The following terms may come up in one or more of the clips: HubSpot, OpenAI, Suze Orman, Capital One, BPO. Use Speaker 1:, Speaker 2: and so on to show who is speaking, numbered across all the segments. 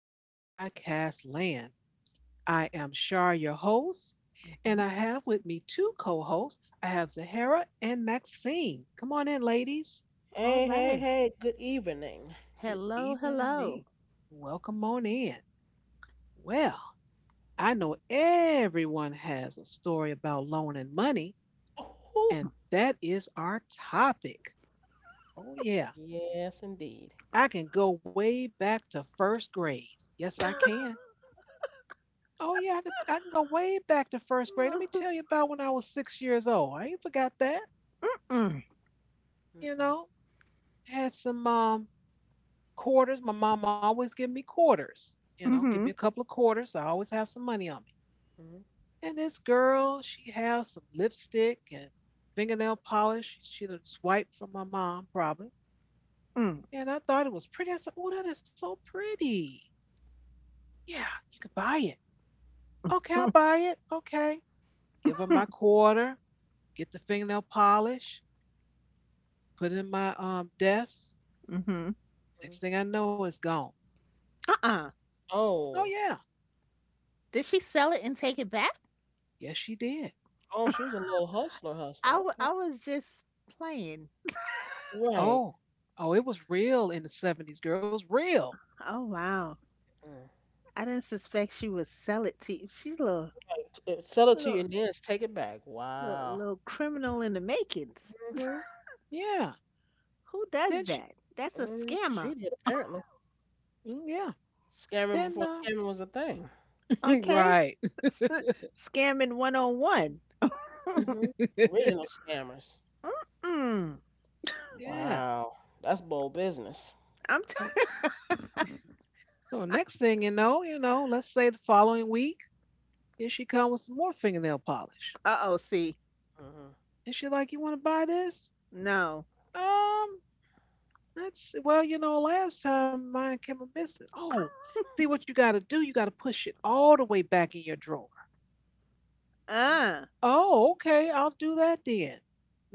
Speaker 1: there in podcast land. I am Shar, your host, and
Speaker 2: Mhm.
Speaker 1: I have with me two co hosts. I have Zahara and Maxine. Come on in, ladies.
Speaker 2: All
Speaker 3: Hey, hey,
Speaker 2: right.
Speaker 3: hey, good evening.
Speaker 1: Good
Speaker 2: Hello,
Speaker 1: evening.
Speaker 2: hello.
Speaker 1: Welcome on in. Well, I know everyone has a story about loan and money,
Speaker 3: Oh,
Speaker 1: and that is our topic. Oh, yeah.
Speaker 3: yes, indeed.
Speaker 1: I can go way back to first grade. Yes, I can. Oh yeah, I can go way back to first grade. Let me tell you about when I was six years old. I ain't forgot that.
Speaker 2: Mm,
Speaker 1: You
Speaker 3: Mm-mm,
Speaker 1: know, had some quarters. My mom always give me quarters. You know, give me a
Speaker 2: mm-hmm,
Speaker 1: couple of quarters. I always have some money on me.
Speaker 3: mm
Speaker 1: And this girl, she has some lipstick and fingernail polish. She done swiped from my mom probably.
Speaker 2: mm,
Speaker 1: And I thought it was pretty. I said, "Oh, that is so pretty. Yeah, you could buy it." Okay, I'll buy it. Okay, give her my
Speaker 2: mm,
Speaker 1: quarter. Get the fingernail polish, put it in my desk.
Speaker 2: mm-hmm.
Speaker 3: mm.
Speaker 1: Next thing I know, it's gone.
Speaker 2: Uh-uh.
Speaker 1: Oh
Speaker 3: Oh,
Speaker 1: yeah,
Speaker 2: Did she sell it and take it back?
Speaker 1: yes she did.
Speaker 3: oh, she was a little hustler, hustler.
Speaker 2: I, w-
Speaker 3: Okay.
Speaker 2: I was just playing.
Speaker 3: Right.
Speaker 1: Oh, oh, it was real in the 70s, girls, real.
Speaker 2: Oh, wow.
Speaker 3: Mm.
Speaker 2: I didn't suspect she would sell it to you. She's a
Speaker 3: Right. Sell it to you
Speaker 2: little,
Speaker 3: and then take it back.
Speaker 2: little,
Speaker 3: Wow.
Speaker 2: little criminal in the makings.
Speaker 3: Hmm.
Speaker 1: Yeah.
Speaker 2: Who does
Speaker 1: Then she,
Speaker 2: that? That's a
Speaker 3: Hmm.
Speaker 2: scammer.
Speaker 3: She did, apparently.
Speaker 1: mm, yeah.
Speaker 3: Scamming
Speaker 1: Then
Speaker 3: before scamming was a thing.
Speaker 2: Okay.
Speaker 1: right.
Speaker 2: S- Scamming one on one.
Speaker 3: Hmm. Original scammers.
Speaker 2: Mm-mm.
Speaker 1: yeah.
Speaker 3: Wow. That's bold business.
Speaker 2: I'm t-
Speaker 1: So so next thing you know, let's say the following week, here she comes with some more fingernail polish,
Speaker 2: Uh-oh, see.
Speaker 3: Hmm.
Speaker 1: and she like, "you want to buy this?"
Speaker 2: No.
Speaker 1: Um, that's, well, you know, last time mine came a missing. Oh, see what you got to do? You got to push it all the way back in your drawer.
Speaker 2: Uh.
Speaker 1: Oh, okay. I'll do that then.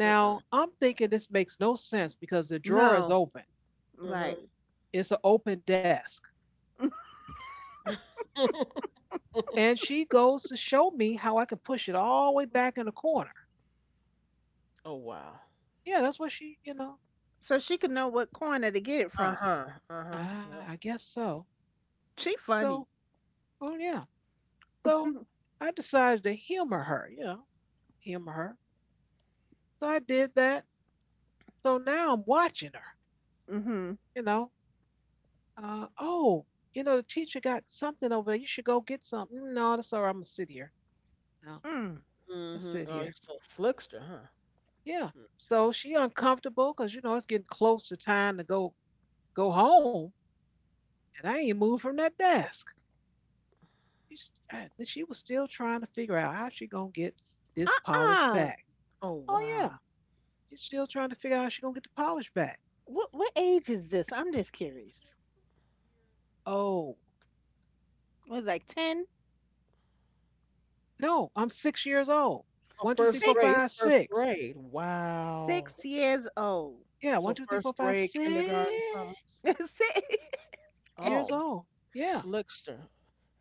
Speaker 3: Mm.
Speaker 1: I'm thinking this makes no sense because the drawer is
Speaker 2: No,
Speaker 1: open.
Speaker 3: Mm-hmm.
Speaker 2: right.
Speaker 1: It's an open desk. And she goes to show me how I can push it all the way back in the corner.
Speaker 3: Oh, wow.
Speaker 1: Yeah, that's what she, you know.
Speaker 2: So she could know what corner to get it from.
Speaker 3: Uh-huh. Uh-huh.
Speaker 1: Ah, I
Speaker 3: Yep.
Speaker 1: guess so.
Speaker 2: She funny.
Speaker 1: So, oh, yeah. So I decided to humor her, you know, humor her. So I did that. So now I'm watching her,
Speaker 2: Mhm.
Speaker 1: you know. Oh, you know, the teacher got something over there. You should go get something. No, that's all right. I'm going to sit here. No,
Speaker 2: Mm.
Speaker 1: I'll
Speaker 3: Mhm.
Speaker 1: sit
Speaker 3: Oh, you are
Speaker 1: here.
Speaker 3: so slickster, huh?
Speaker 1: Yeah.
Speaker 3: Mm.
Speaker 1: So she uncomfortable because you know it's getting close to time to go home, and I ain't moved from that desk. She's- I- then She was still trying to figure out how she gonna get this polish
Speaker 2: Uh-uh.
Speaker 1: back.
Speaker 3: Oh,
Speaker 1: Oh yeah,
Speaker 3: wow.
Speaker 1: she's still trying to figure out how she gonna get the polish back.
Speaker 2: What age is this? I'm just curious.
Speaker 1: Oh
Speaker 2: Was it like 10?
Speaker 1: no, I'm six years old.
Speaker 3: Oh,
Speaker 1: One, two, three,
Speaker 3: first
Speaker 1: four,
Speaker 2: Six
Speaker 3: grade. It's
Speaker 1: five,
Speaker 3: first
Speaker 1: six.
Speaker 3: grade. Wow.
Speaker 2: six years old.
Speaker 1: Yeah, one,
Speaker 3: So
Speaker 1: two, three, four,
Speaker 3: first
Speaker 1: five,
Speaker 3: grade,
Speaker 1: six
Speaker 3: kindergarten, something.
Speaker 2: Six-
Speaker 1: years
Speaker 3: Oh,
Speaker 1: old. Yeah.
Speaker 3: slickster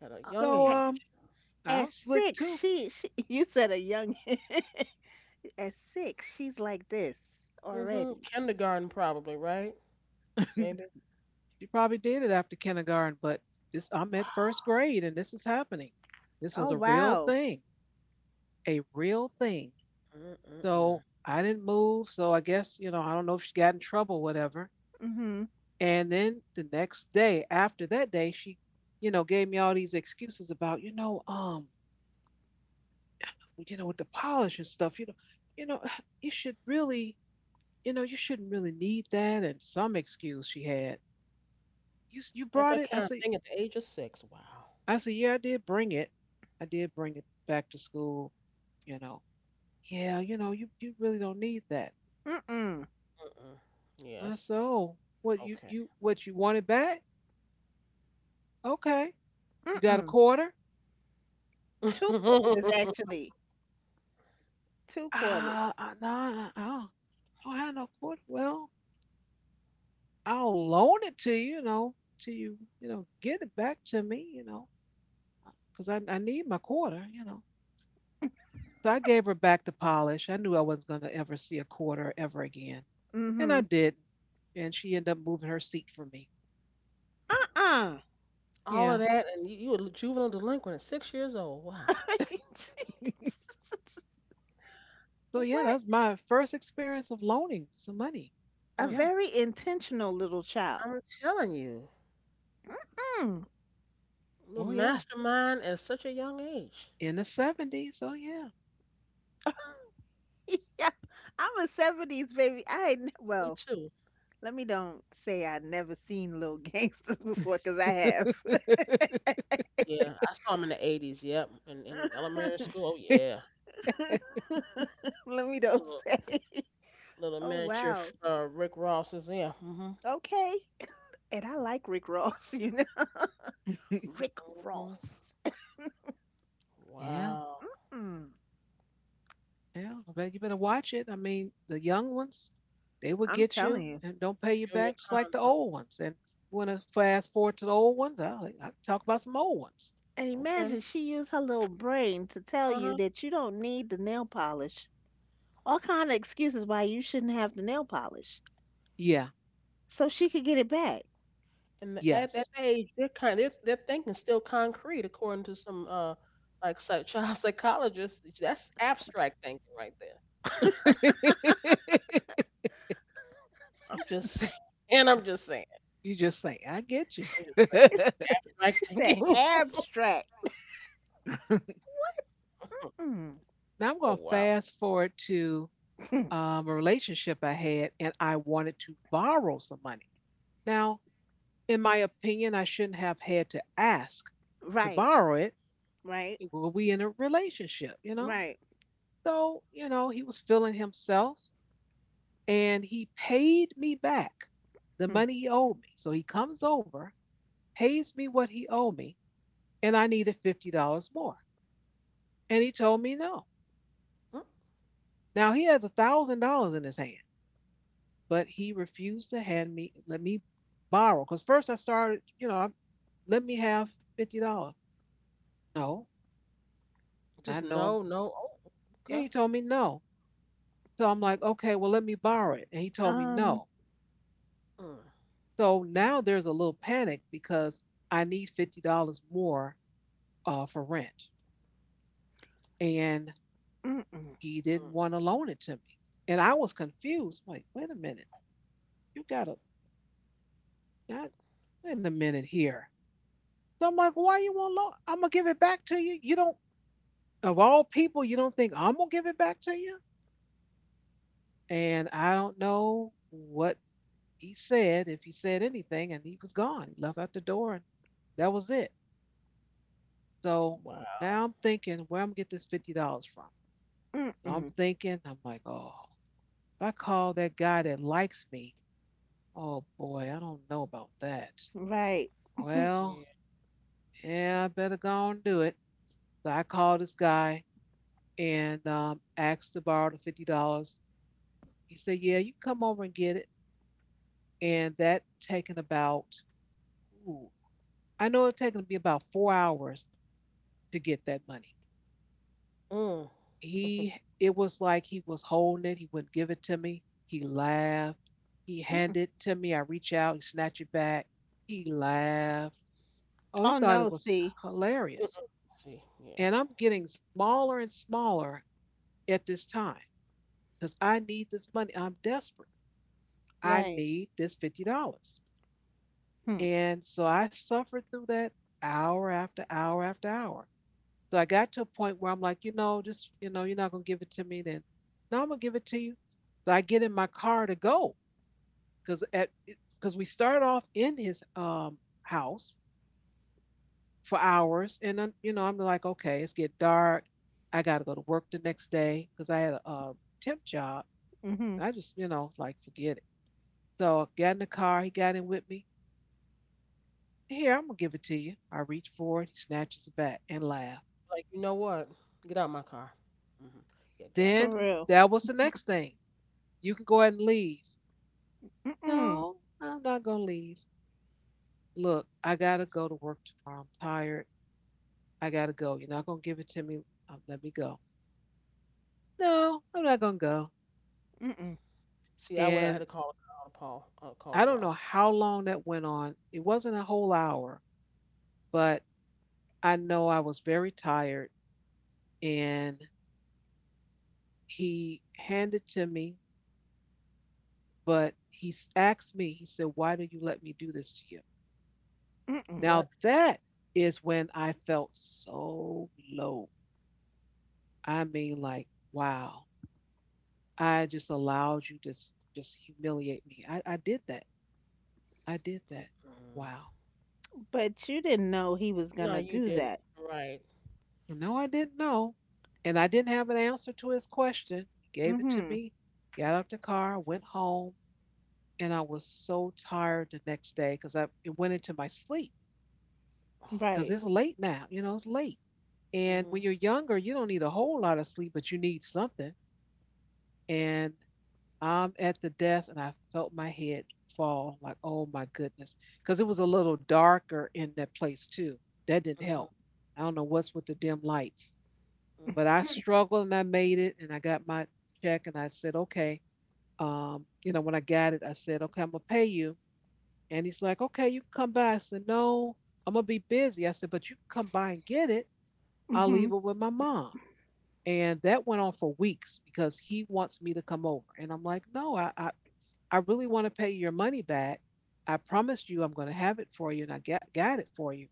Speaker 3: at a young
Speaker 1: So
Speaker 2: At,
Speaker 3: age.
Speaker 2: at
Speaker 1: I'm slick
Speaker 2: six,
Speaker 1: too.
Speaker 2: she you said a young at six, she's like this
Speaker 3: Mm hmm.
Speaker 2: already.
Speaker 3: Kindergarten, probably, right? Maybe.
Speaker 1: She probably did it after kindergarten, but this I'm at first grade and this is happening. This
Speaker 3: Oh,
Speaker 1: was
Speaker 2: Oh
Speaker 1: a
Speaker 3: wow.
Speaker 1: real
Speaker 2: wow.
Speaker 1: thing, a real thing. So
Speaker 3: Mm-mm-mm.
Speaker 1: I didn't move. So I guess, you know, I don't know if she got in trouble, whatever.
Speaker 2: Mhm.
Speaker 1: And then the next day, after that day, she, you know, gave me all these excuses about, you know, with the polish and stuff, you know, you should really, you know, you shouldn't really need that. And some excuse she had. You
Speaker 3: Got
Speaker 1: brought
Speaker 3: that
Speaker 1: it.
Speaker 3: kind of thing at the age of 6. Wow.
Speaker 1: I said, yeah, I did bring it. I did bring it back to school. You know, yeah, you know, you really don't need that.
Speaker 2: Mm mm.
Speaker 3: Mm-mm.
Speaker 1: I
Speaker 3: Yes.
Speaker 1: said, oh, what you
Speaker 3: Okay.
Speaker 1: you what you want it back? Okay,
Speaker 2: Mm
Speaker 1: you got a
Speaker 2: mm.
Speaker 1: quarter?
Speaker 2: Two quarters actually. Two quarters.
Speaker 1: No, I don't have no quarter. Well, I'll loan it to you, you know, till you know get it back to me, you know, because I need my quarter, you know. So I gave her back the polish. I knew I wasn't going to ever see a quarter ever again. And I
Speaker 2: Mhm.
Speaker 1: did. And she ended up moving her seat for me.
Speaker 2: Uh-uh.
Speaker 3: All
Speaker 1: Yeah.
Speaker 3: of that, and you a juvenile delinquent at 6 years old. Wow.
Speaker 1: So, yeah, that
Speaker 2: What
Speaker 1: was my first experience of loaning some money.
Speaker 2: a
Speaker 3: Mm.
Speaker 1: Yeah.
Speaker 2: very intentional little child.
Speaker 3: I'm telling you.
Speaker 2: Mm.
Speaker 3: The
Speaker 1: Oh, yeah.
Speaker 3: Mastermind at such a young age.
Speaker 1: In the 70s. Oh, yeah.
Speaker 2: Yeah, I'm a 70s baby. I ain't,
Speaker 3: Me
Speaker 2: well,
Speaker 3: too.
Speaker 2: let me don't say I never seen Little Gangsters before, cause I have.
Speaker 3: Yeah, I saw him in the '80s. Yep, in elementary school. Oh yeah,
Speaker 2: Let me don't
Speaker 3: little
Speaker 2: say.
Speaker 3: little
Speaker 2: Oh,
Speaker 3: miniature
Speaker 2: wow.
Speaker 3: Rick Ross is there. Hmm.
Speaker 2: Okay. And I like Rick Ross, you know. Rick
Speaker 3: Hmm.
Speaker 2: Ross.
Speaker 1: Yeah.
Speaker 3: Wow,
Speaker 2: Mm,
Speaker 1: Yeah. I You better watch it. I mean, the young ones, they will
Speaker 2: I'm
Speaker 1: get you
Speaker 2: telling you.
Speaker 1: and don't pay you
Speaker 3: junior
Speaker 1: back just like
Speaker 3: con
Speaker 1: the
Speaker 3: person.
Speaker 1: old ones. And want to fast forward to the old ones? I talk about some old ones.
Speaker 2: And
Speaker 3: Okay.
Speaker 2: imagine she used her little brain to tell
Speaker 3: Uh
Speaker 2: you
Speaker 3: huh.
Speaker 2: that you don't need the nail polish. All kind of excuses why you shouldn't have the nail polish.
Speaker 1: Yeah.
Speaker 2: So she could get it back.
Speaker 3: And at
Speaker 1: Yes.
Speaker 3: that age, they're kind they're thinking still concrete, according to some like child psychologists. That's abstract thinking right there. I'm just saying. And I'm just saying.
Speaker 1: You just say, I get you.
Speaker 3: I'm just saying.
Speaker 2: It's
Speaker 3: Abstract
Speaker 2: that
Speaker 3: thinking.
Speaker 2: abstract. Mm.
Speaker 1: Now I'm
Speaker 3: Oh
Speaker 1: going to
Speaker 3: wow.
Speaker 1: fast forward to a relationship I had and I wanted to borrow some money. Now, in my opinion, I shouldn't have had to ask to
Speaker 2: Right,
Speaker 1: borrow it.
Speaker 2: right,
Speaker 1: Were we in a relationship, you know?
Speaker 2: right.
Speaker 1: So, you know, he was feeling himself and he paid me back the
Speaker 2: Hmm.
Speaker 1: money he owed me. So he comes over, pays me what he owed me, and I needed $50 more. And he told me no.
Speaker 3: Mm.
Speaker 1: Now he has $1,000 in his hand, but he refused to hand me let me borrow. Cause first I started, you know, let me have $50. No, I
Speaker 3: Just
Speaker 1: know him.
Speaker 3: no, no. Oh,
Speaker 1: Yeah, he
Speaker 3: okay.
Speaker 1: told me no. So I'm like, okay, well let me borrow it, and he told me
Speaker 2: Um,
Speaker 1: no.
Speaker 3: Mm,
Speaker 1: So now there's a little panic because I need $50 more for rent, and
Speaker 2: mm-mm,
Speaker 1: he didn't
Speaker 3: mm,
Speaker 1: want to loan it to me, and I was confused. I'm like, wait a minute, you gotta, I, wait a minute here. So I'm like, why you want loan? I'm gonna give it back to you. You don't, Of all people, you don't think I'm gonna give it back to you? And I don't know what he said, if he said anything, and he was gone. He left out the door, and that was it. So
Speaker 3: wow,
Speaker 1: now I'm thinking, where I'm gonna get this $50 from? So I'm
Speaker 2: mm-mm,
Speaker 1: thinking, I'm like, oh, if I call that guy that likes me, oh boy, I don't know about that.
Speaker 2: right.
Speaker 1: Well,
Speaker 3: yeah.
Speaker 1: yeah, I better go and do it. So I called this guy and asked to borrow the $50. He said, "Yeah, you can come over and get it." And that taken about, ooh, I know it taken me about 4 hours to get that money.
Speaker 3: Mm.
Speaker 1: He, it was like he was holding it. He wouldn't give it to me. He laughed. He
Speaker 2: Mm-mm.
Speaker 1: handed it to me. I reach out. He snatched it back. He laughed. Oh, he
Speaker 2: Oh
Speaker 1: thought it
Speaker 2: no,
Speaker 1: was
Speaker 2: see,
Speaker 1: hilarious.
Speaker 3: See, yeah.
Speaker 1: And I'm getting smaller and smaller at this time because I need this money. I'm desperate. I
Speaker 2: right.
Speaker 1: need this $50.
Speaker 2: Hmm.
Speaker 1: And so I suffered through that hour after hour after hour. So I got to a point where I'm like, you know, just, you know, you're not going to give it to me then. No, I'm going to give it to you. So I get in my car to go, because at because we start off in his house for hours and then, you know, I'm like, okay, it's get dark, I got to go to work the next day because I had a temp job,
Speaker 2: Mm-hmm.
Speaker 1: I just, you know, like forget it. So I got in the car, he got in with me. Here, I'm gonna give it to you. I reach for it. He snatches it back and laughs.
Speaker 3: Like, you know what? Get out my car. Hmm. Yeah, get out my
Speaker 2: For
Speaker 1: Then
Speaker 3: car.
Speaker 2: real.
Speaker 1: that was the next thing. You can go ahead and leave.
Speaker 2: Mm-mm,
Speaker 1: No, I'm not gonna leave. Look, I gotta go to work tomorrow. I'm tired. I gotta go. You're not gonna give it to me. Let me go. No, I'm not gonna go.
Speaker 2: mm-mm,
Speaker 3: See, I would have had
Speaker 1: And
Speaker 3: to call the
Speaker 1: I don't
Speaker 3: law.
Speaker 1: know how long that went on. It wasn't a whole hour, but I know I was very tired. And he handed to me. Asked me, he said, "Why do you let me do this to you?"
Speaker 2: mm-mm.
Speaker 3: What?
Speaker 1: Now, that is when I felt so low. I mean, like, wow, I just allowed you to just humiliate me. I did that. I did that.
Speaker 3: Mm-mm.
Speaker 1: Wow.
Speaker 2: But you didn't know he was
Speaker 3: No,
Speaker 2: gonna
Speaker 3: you
Speaker 2: do
Speaker 3: didn't.
Speaker 2: that.
Speaker 3: Right.
Speaker 1: No, I didn't know. And I didn't have an answer to his question. He gave it to
Speaker 2: Mm-hmm.
Speaker 1: me, got out the car, went home, and I was so tired the next day because I it went into my sleep because
Speaker 2: Right.
Speaker 1: it's late now. You know, it's late. And
Speaker 3: Mhm,
Speaker 1: when you're younger, you don't need a whole lot of sleep, but you need something. And I'm at the desk and I felt my head fall like, oh my goodness. Because it was a little darker in that place too. That didn't
Speaker 3: mhm,
Speaker 1: help. I don't know what's with the dim lights, but
Speaker 3: mhm.
Speaker 1: I struggled and I made it and I got my check and I said, okay. You know, when I got it, I said, okay, I'm going to pay you. And he's like, okay, you can come by. I said, no, I'm going to be busy. I said, but you can come by and get it. I'll
Speaker 2: Mm-hmm.
Speaker 1: leave it with my mom. And that went on for weeks because he wants me to come over. And I'm like, no, I really want to pay your money back. I promised you I'm going to have it for you and I got it for you.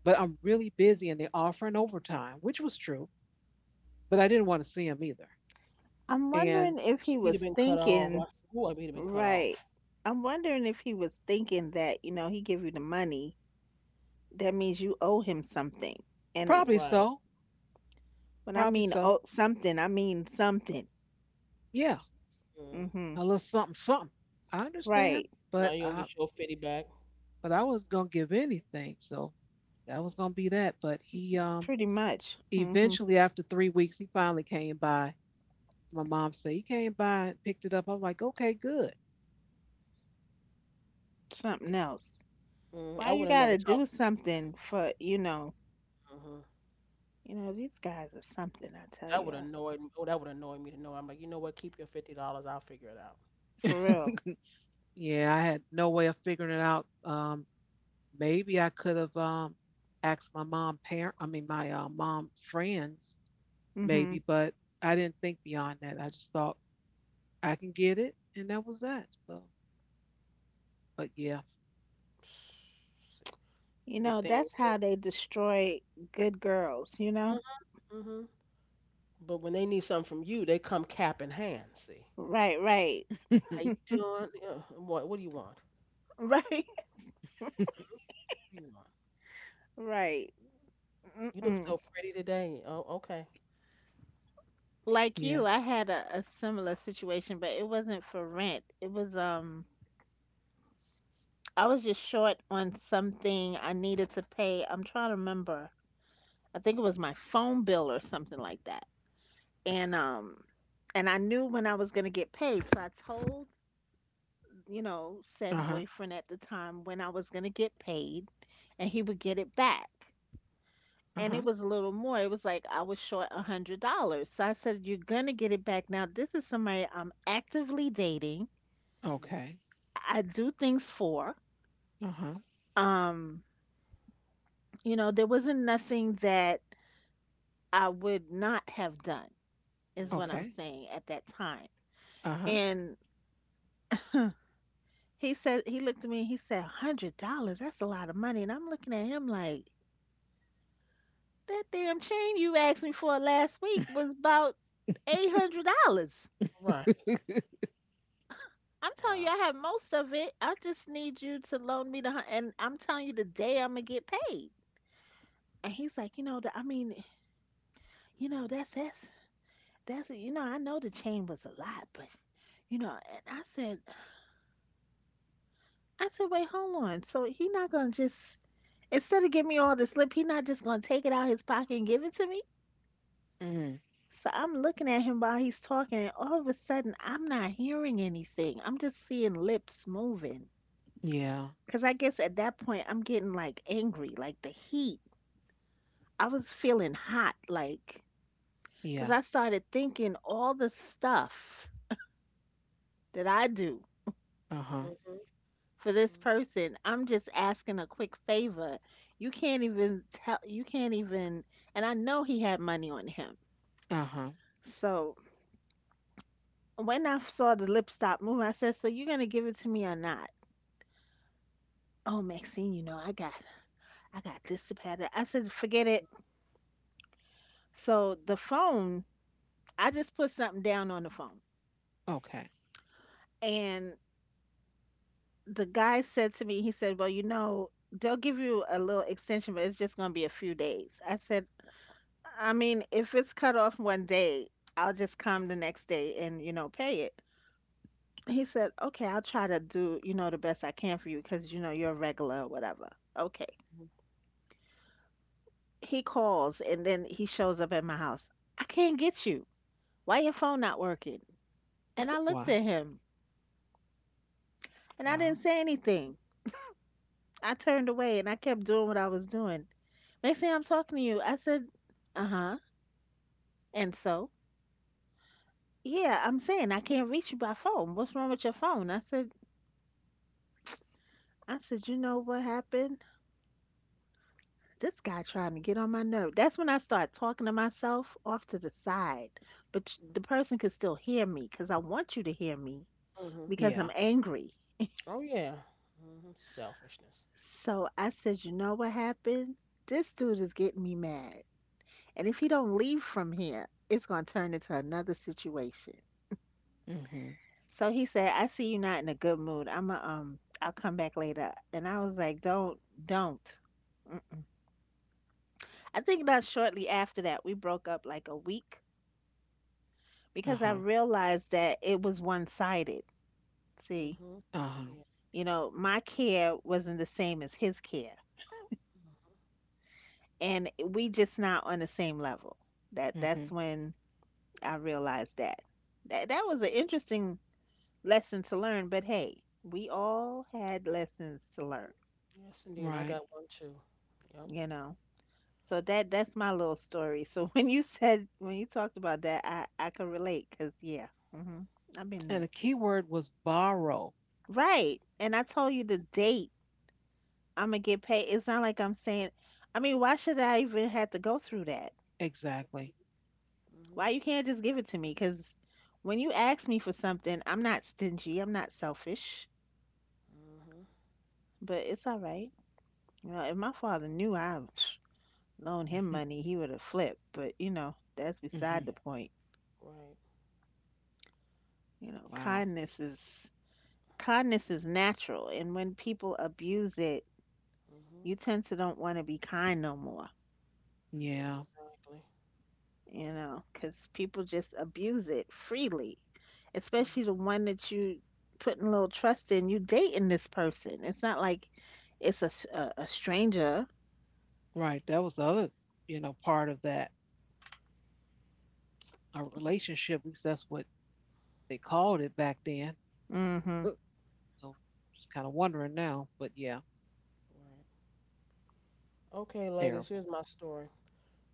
Speaker 1: But I'm really busy and they're offering overtime, which was true. But I didn't want to see him either.
Speaker 2: I'm
Speaker 1: And
Speaker 2: wondering if he
Speaker 3: He'd have
Speaker 2: was
Speaker 3: been cut off.
Speaker 2: thinking,
Speaker 3: I Ooh, he'd have been cut
Speaker 2: right.
Speaker 3: off.
Speaker 2: I'm wondering if he was thinking that, you know, he give you the money, that means you owe him something. And
Speaker 1: probably
Speaker 3: Right.
Speaker 1: so.
Speaker 2: when I
Speaker 1: Probably
Speaker 2: mean
Speaker 1: so.
Speaker 2: owe something, I mean something.
Speaker 1: Yeah,
Speaker 3: Mm-hmm.
Speaker 2: Hmm.
Speaker 1: a little something, something. I understand,
Speaker 2: Right.
Speaker 3: Now
Speaker 1: but
Speaker 3: you don't
Speaker 1: I,
Speaker 3: get your 50 back.
Speaker 1: but I was gonna give anything, so that was gonna be that. But he,
Speaker 2: Pretty much. Hmm.
Speaker 1: eventually after 3 weeks, he finally came by. My mom said, "You came by and picked it up." I'm like, "Okay, good."
Speaker 2: Something else.
Speaker 3: Mm, I
Speaker 2: Why you
Speaker 3: would have never
Speaker 2: gotta
Speaker 3: talked
Speaker 2: do something for,
Speaker 3: to him.
Speaker 2: these guys are something, I tell
Speaker 3: That
Speaker 2: you.
Speaker 3: would annoy me. Oh, that would annoy me to know. I'm like, you know what? Keep your $50. I'll figure it out.
Speaker 2: For real.
Speaker 1: Yeah, I had no way of figuring it out. Maybe I could have asked my mom parent, I mean my mom friends,
Speaker 2: Hmm.
Speaker 1: maybe, but I didn't think beyond that. I just thought I can get it, and that was that. So, but yeah.
Speaker 3: See.
Speaker 2: You
Speaker 3: But
Speaker 2: know,
Speaker 3: then,
Speaker 2: that's
Speaker 3: when
Speaker 2: how they destroy good girls, you
Speaker 3: they,
Speaker 2: know?
Speaker 3: mhm, mhm. But when they need something from you, they come cap in hand. See,
Speaker 2: Right, right.
Speaker 3: how you doing? Yeah. What do you want? What
Speaker 2: Right.
Speaker 3: do you want?
Speaker 2: Right.
Speaker 3: You look
Speaker 2: Mm-mm.
Speaker 3: so pretty today. Oh, okay.
Speaker 2: Like
Speaker 1: Yeah.
Speaker 2: you, I had a similar situation, but it wasn't for rent. It was I was just short on something I needed to pay. I'm trying to remember. I think it was my phone bill or something like that. And um and I knew when I was going to get paid, so I told, you know,
Speaker 1: Uh
Speaker 2: said
Speaker 1: huh.
Speaker 2: boyfriend at the time when I was going to get paid, and he would get it back.
Speaker 1: Uh
Speaker 2: And
Speaker 1: huh.
Speaker 2: it was a little more. It was like I was short $100. So I said, "You're gonna get it back." Now, this is somebody I'm actively dating.
Speaker 3: Mm-hmm.
Speaker 1: Okay.
Speaker 2: I do things for.
Speaker 1: Uh huh.
Speaker 2: Um, you know, there wasn't nothing that I would not have done, is what I'm
Speaker 3: Mm-hmm.
Speaker 1: Okay.
Speaker 2: saying at that time.
Speaker 1: Uh huh.
Speaker 2: And he said he looked at me and he said, "$100, that's a lot of money." And I'm looking at him like, that damn chain you asked me for last week was about $800.
Speaker 3: Right.
Speaker 2: I'm telling
Speaker 3: Wow.
Speaker 2: you, I have most of it. I just need you to loan me and I'm telling you the day I'm gonna get paid. And he's like, you know, I mean, you know, that's you know, I know the chain was a lot, but you know. And I said, wait, hold on. So he not gonna just instead of giving me all the slip, he not just gonna take it out his pocket and give it to me.
Speaker 1: Mm.
Speaker 2: So I'm looking at him while he's talking, and all of a sudden I'm not hearing anything. I'm just seeing lips moving.
Speaker 1: Yeah.
Speaker 2: Cause I guess at that point I'm getting like angry, like the heat, I was feeling hot, like, because
Speaker 1: Yeah.
Speaker 2: I started thinking all the stuff that I do
Speaker 1: Uh huh.
Speaker 3: Mm-hmm.
Speaker 2: for this
Speaker 3: Hmm.
Speaker 2: person. I'm just asking a quick favor. You can't even tell, you can't even, and I know he had money on him.
Speaker 1: Uh huh.
Speaker 2: So when I saw the lip stop move, I said, "So you're going to give it to me or not?" "Oh, Maxine, you know, I got this to pad." I said, "Forget it." So the phone, I just put something down on the phone.
Speaker 1: Okay.
Speaker 2: And the guy said to me, he said, "Well, you know, they'll give you a little extension, but it's just going to be a few days." I said, "I mean, if it's cut off one day, I'll just come the next day and, you know, pay it." He said, "Okay, I'll try to do, you know, the best I can for you because, you know, you're a regular or whatever." Okay. He calls and then he shows up at my house. "I can't get you. Why your phone not working?" And I looked
Speaker 1: Wow.
Speaker 2: at him and I didn't
Speaker 1: Wow.
Speaker 2: say anything. I turned away and I kept doing what I was doing. Next thing I'm talking to you, I said, uh huh. And so, yeah, I'm saying, "I can't reach you by phone. What's wrong with your phone?" I said, you know what happened? This guy trying to get on my nerve. That's when I start talking to myself off to the side, but the person could still hear me because I want you to hear me
Speaker 3: Hmm.
Speaker 2: because I'm
Speaker 1: Yeah.
Speaker 2: angry.
Speaker 3: Oh yeah. Hmm. Selfishness.
Speaker 2: So I said, you know what happened? This dude is getting me mad, and if he don't leave from here, it's gonna turn into another situation.
Speaker 1: Mm hmm.
Speaker 2: So he said, "I see you not in a good mood. I'll come back later." And I was like, "Don't, don't." Mm. I think not shortly after that, we broke up like a week
Speaker 1: Uh
Speaker 2: because I
Speaker 1: huh.
Speaker 2: realized that it was one-sided. See,
Speaker 3: Hmm.
Speaker 1: Uh huh.
Speaker 3: Yeah.
Speaker 2: you know, my care wasn't the same as his care,
Speaker 3: Hmm.
Speaker 2: and we just not on the same level. That
Speaker 1: Mm hmm.
Speaker 2: that's when I realized that. That was an interesting lesson to learn, but hey, we all had lessons to learn,
Speaker 3: Yes, indeed. I
Speaker 1: Right.
Speaker 3: got one too. Yep.
Speaker 2: you know. So that that's my little story. So when you talked about that, I can relate because yeah, hmm I've been
Speaker 1: And
Speaker 2: there.
Speaker 1: the key word was borrow.
Speaker 2: Right. And I told you the date I'm gonna get paid. It's not like I'm saying. I mean, why should I even have to go through that?
Speaker 1: Exactly.
Speaker 2: Why
Speaker 3: Hmm.
Speaker 2: you can't just give it to me? Because when you ask me for something, I'm not stingy. I'm not selfish.
Speaker 3: Mm-hmm.
Speaker 2: But it's all right. You know, if my father knew I loaned him
Speaker 1: Mm
Speaker 2: money, he would have flipped. But you know, that's beside
Speaker 1: hmm.
Speaker 2: the
Speaker 3: Yeah.
Speaker 2: point.
Speaker 3: Right.
Speaker 2: You know,
Speaker 1: Wow.
Speaker 2: Kindness is natural, and when people abuse it, you
Speaker 3: Mm-hmm.
Speaker 2: tend to don't want to be kind no more,
Speaker 1: Yeah.
Speaker 3: Exactly.
Speaker 2: you know, because people just abuse it freely, especially the
Speaker 3: Mm-hmm.
Speaker 2: one that you putting a little trust in. You dating this person. It's not like it's a stranger.
Speaker 1: Right. That was the other, part of that a relationship. At least that's what they called it back then.
Speaker 2: Mm-hmm.
Speaker 1: Uh, So just kind of wondering now, but yeah,
Speaker 3: Right. Okay, ladies,
Speaker 1: terrible.
Speaker 3: here's my story.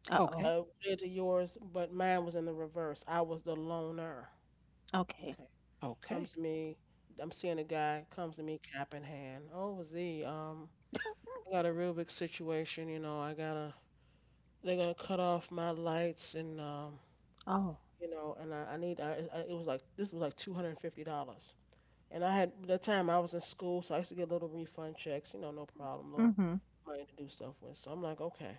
Speaker 2: Uh-oh.
Speaker 1: Okay.
Speaker 3: Related to yours, but mine was in the reverse. I was the loner.
Speaker 2: Okay.
Speaker 3: Okay. Comes
Speaker 1: Okay.
Speaker 3: to me. I'm seeing a guy. Comes to me, cap in hand. Oh, Z. I got a real big situation. You know, I gotta. They're gonna cut off my lights and
Speaker 2: Oh.
Speaker 3: you know, and I need. It was like this was like $250. And I had that time I was in school, so I used to get little refund checks, you know, no problem, little
Speaker 2: Mm-hmm.
Speaker 3: money to do stuff with. So I'm like, okay,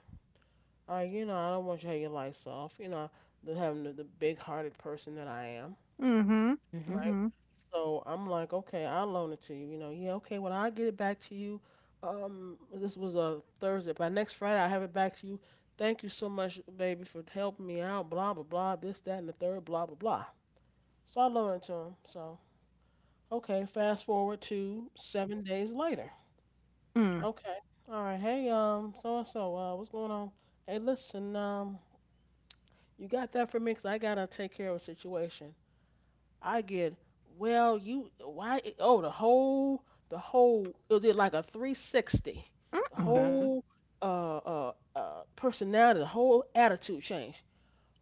Speaker 3: all right, you know, I don't want you to have your lights off, you know, having the big-hearted person that I am,
Speaker 2: Mm-hmm.
Speaker 1: Mm hmm.
Speaker 3: right?
Speaker 2: Mm-hmm.
Speaker 3: So I'm like, okay, I'll loan it to you, you know, yeah, okay, well I'll get it back to you. This was a Thursday, by next Friday I'll have it back to you. Thank you so much, baby, for helping me out, blah blah blah, this that and the third, blah blah blah. So I loaned it to him. Okay, fast forward to 7 days later.
Speaker 2: Mm.
Speaker 3: Okay. All right. Hey, so and so, what's going on? Hey, listen, you got that for me 'cause I gotta take care of a situation. I get, well, why? Oh, it did like a 360. The
Speaker 2: Mm-mm.
Speaker 1: Okay.
Speaker 3: whole, personality, the whole attitude change.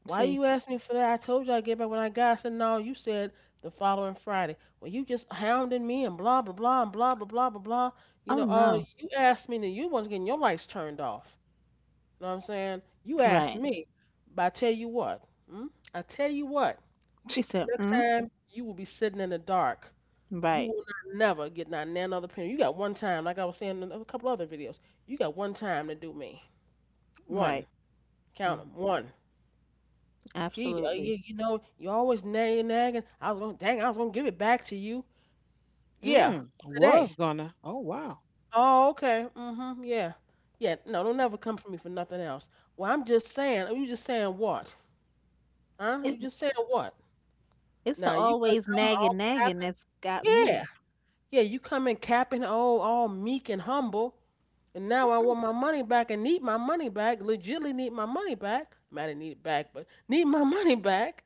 Speaker 3: Why
Speaker 2: See.
Speaker 3: you ask me for that? I told you I get back when I got. I said no. You said the following Friday. Well, you just hounding me and blah blah blah and blah blah blah blah blah. You know,
Speaker 2: Oh no.
Speaker 3: you asked me and you want to get your lights turned off. You know what I'm saying? You asked
Speaker 2: Right.
Speaker 3: me, but I tell you what, hmm? I tell you what.
Speaker 2: She said,
Speaker 3: Next
Speaker 2: mm.
Speaker 3: time you will be sitting in the dark. You
Speaker 2: Right.
Speaker 3: will not never get not none other penny. You got one time, like I was saying in a couple other videos. You got one time to do me.
Speaker 2: Right.
Speaker 3: One. Count 'em. One.
Speaker 2: Absolutely.
Speaker 3: You, you know, you always nagging, nagging. I was gonna, dang, I was gonna give it back to you. Yeah,
Speaker 1: Mm,
Speaker 3: today.
Speaker 1: was gonna. Oh wow.
Speaker 3: Oh, okay. Mm-hmm. Yeah, yeah. No, don't never come for me for nothing else. Well, I'm just saying. You just saying what? Huh? You just saying what?
Speaker 2: It's
Speaker 3: Now
Speaker 2: the
Speaker 3: you could
Speaker 2: always
Speaker 3: come
Speaker 2: nagging,
Speaker 3: all
Speaker 2: nagging
Speaker 3: capping.
Speaker 2: that's got me.
Speaker 3: Yeah, yeah. You come in capping, all meek and humble, and now I want my money back and need my money back. Legitly need my money back. I mean, I didn't need it back, but need my money back.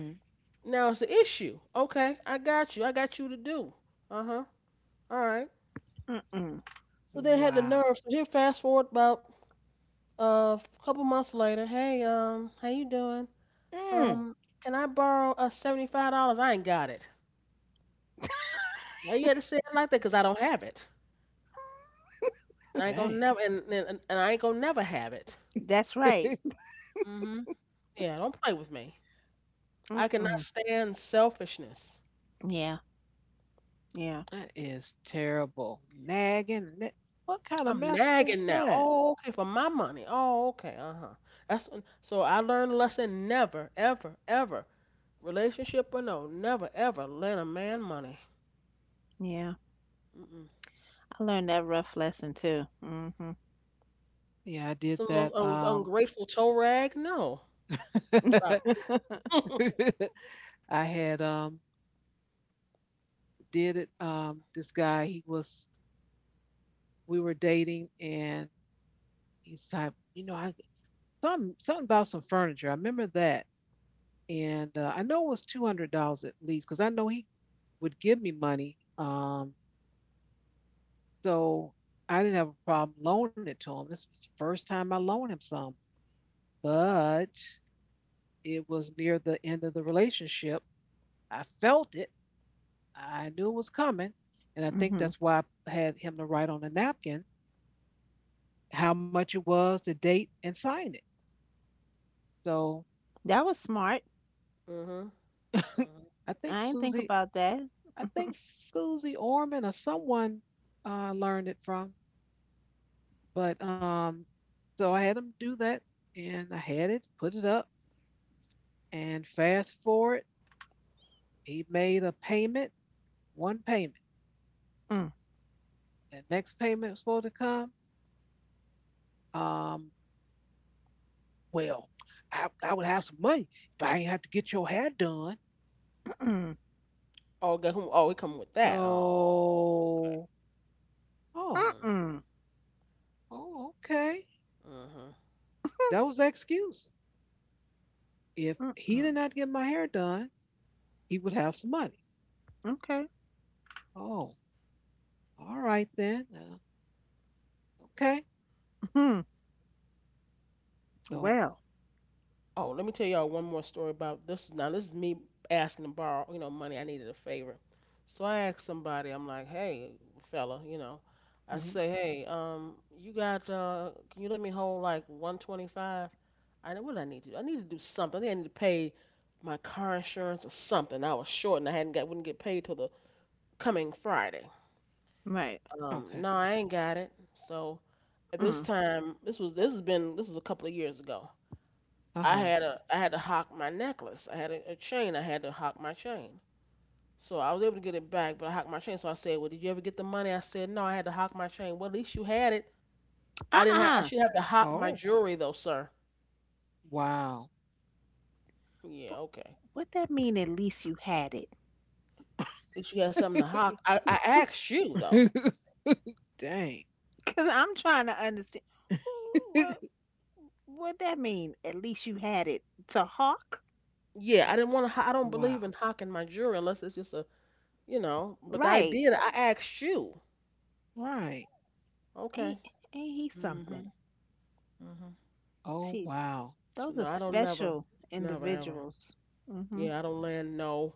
Speaker 1: Hmm.
Speaker 3: Now it's an issue. Okay, I got you. I got you to do. Uh huh. All right.
Speaker 2: Mm-mm.
Speaker 3: So then had the
Speaker 1: Wow.
Speaker 3: nerve. So here, fast forward about a couple months later. Hey, how you doing?
Speaker 1: Mm,
Speaker 3: Um, can I borrow $75? I ain't got it. Why you had to say it like that? 'Cause I don't have it. I ain't gonna
Speaker 1: dang.
Speaker 3: never and I ain't gonna never have it.
Speaker 2: That's right.
Speaker 3: Mhm. Yeah. Don't play with me. I cannot
Speaker 2: Mm-mm.
Speaker 3: stand selfishness.
Speaker 2: Yeah, yeah.
Speaker 1: That is terrible. Nagging. What kind of
Speaker 3: I'm
Speaker 1: mess is
Speaker 3: nagging now.
Speaker 1: that?
Speaker 3: Oh, okay, for my money. Oh, okay. Uh-huh. That's so I learned a lesson never, ever, ever, relationship or no, never ever lend a man money.
Speaker 2: Yeah.
Speaker 3: Mm-mm.
Speaker 2: I learned that rough lesson too. Mm-hmm.
Speaker 1: Yeah, I did
Speaker 3: It's the
Speaker 1: that.
Speaker 3: most ungrateful toe rag. No. Stop. Mhm.
Speaker 1: I had did it. This guy he was we were dating and he's type I something about some furniture. I remember that and I know it was $200 at least because I know he would give me money. So I didn't have a problem loaning it to him. This was the first time I loaned him some, but it was near the end of the relationship. I felt it. I knew it was coming. And I think
Speaker 2: Mm-hmm.
Speaker 1: that's why I had him to write on a napkin how much it was, the date, and sign it. So
Speaker 2: That was smart.
Speaker 3: Mhm.
Speaker 1: I think
Speaker 2: I didn't think
Speaker 1: Susie,
Speaker 2: about that.
Speaker 1: I think Susie Orman or someone learned it from. But so I had him do that, and I had it, put it up, and fast forward. He made a payment, one payment.
Speaker 2: Mm,
Speaker 1: The next payment was supposed to come. Um, well, I would have some money if I ain't have to get your hair done.
Speaker 2: mm-mm.
Speaker 3: Oh, get who? Oh, he come with that. Oh.
Speaker 1: So, oh,
Speaker 3: Mm,
Speaker 2: Mm-mm.
Speaker 1: oh, okay.
Speaker 3: mhm.
Speaker 1: That was the excuse. If he
Speaker 2: Mm-mm.
Speaker 1: did not get my hair done, he would have some money.
Speaker 2: Okay.
Speaker 1: Oh, all right then. Okay.
Speaker 2: Hmm.
Speaker 1: So.
Speaker 2: Well.
Speaker 3: Oh, let me tell y'all one more story about this. Now, this is me asking to borrow, you know, money. I needed a favor. So I asked somebody, I'm like, hey, fella, you know, I
Speaker 1: Mhm.
Speaker 3: say, hey, you got, can you let me hold like 125? I know what did I need to do? I need to do something. I think I need to pay my car insurance or something. I was short and I hadn't got, wouldn't get paid till the coming Friday.
Speaker 2: Right.
Speaker 3: No,
Speaker 1: Okay.
Speaker 3: I ain't got it. So at this
Speaker 2: Mm.
Speaker 3: time, this was, this has been, this was a couple of years ago.
Speaker 1: Uh huh.
Speaker 3: I had to hock my necklace. I had a chain. I had to hock my chain. So I was able to get it back, but I hocked my chain. So I said, "Well, did you ever get the money?" I said, "No, I had to hock my chain." Well, at least you had it. I didn't have. I
Speaker 2: Uh-uh.
Speaker 3: should have to hock
Speaker 1: Oh,
Speaker 3: my jewelry though, sir.
Speaker 1: wow.
Speaker 3: Yeah,
Speaker 2: But
Speaker 3: okay.
Speaker 2: what that mean? At least you had it.
Speaker 3: At least you had something to hock. I asked you though.
Speaker 1: Dang.
Speaker 2: Cause I'm trying to understand. Wh- What what that mean? At least you had it to hawk,
Speaker 3: Yeah, I didn't want to. I don't
Speaker 1: Wow.
Speaker 3: believe in hocking my jewelry unless it's just a you know. But I
Speaker 2: right?
Speaker 3: did. I asked you.
Speaker 1: Right.
Speaker 3: Okay.
Speaker 2: Ain't ain't he something?
Speaker 3: Mhm. Mhm.
Speaker 1: Oh
Speaker 2: She
Speaker 1: wow.
Speaker 3: So
Speaker 2: those are
Speaker 3: no, I don't never,
Speaker 2: special
Speaker 3: never ever.
Speaker 2: individuals. Mhm.
Speaker 3: Yeah, I don't land no.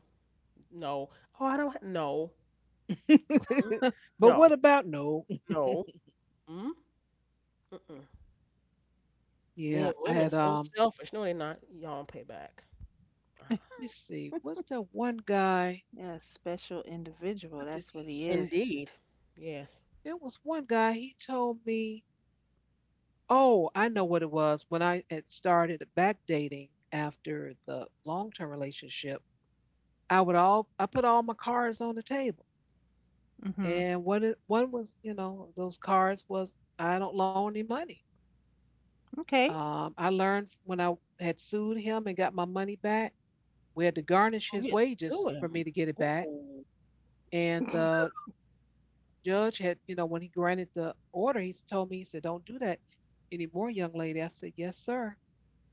Speaker 3: No. Oh, I don't. No. Mm.
Speaker 1: But what
Speaker 3: No.
Speaker 1: about no?
Speaker 3: No. Mm. Mm-mm.
Speaker 1: Yeah,
Speaker 3: Then
Speaker 1: I had
Speaker 3: women so selfish. No, they're not. Y'all don't pay back. Uh-huh.
Speaker 1: let me see, what's that one guy?
Speaker 2: Yeah, special individual.
Speaker 1: What did
Speaker 2: That's what
Speaker 1: he
Speaker 2: he
Speaker 1: say?
Speaker 2: is.
Speaker 3: Indeed. Yes.
Speaker 1: There was one guy he told me. Oh, I know what it was. When I had started back dating after the long term relationship, I put all my cards on the table.
Speaker 2: Mhm.
Speaker 1: And one was, those cards was I don't loan any money.
Speaker 2: Okay.
Speaker 1: I learned when I had sued him and got my money back we had to
Speaker 3: Oh,
Speaker 1: garnish
Speaker 3: you had
Speaker 1: his
Speaker 3: to sue
Speaker 1: wages for
Speaker 3: him.
Speaker 1: me to get it back.
Speaker 3: Oh.
Speaker 1: And the judge had, when he granted the order, he told me, he said, "Don't do that anymore, young lady." I said, "Yes, sir."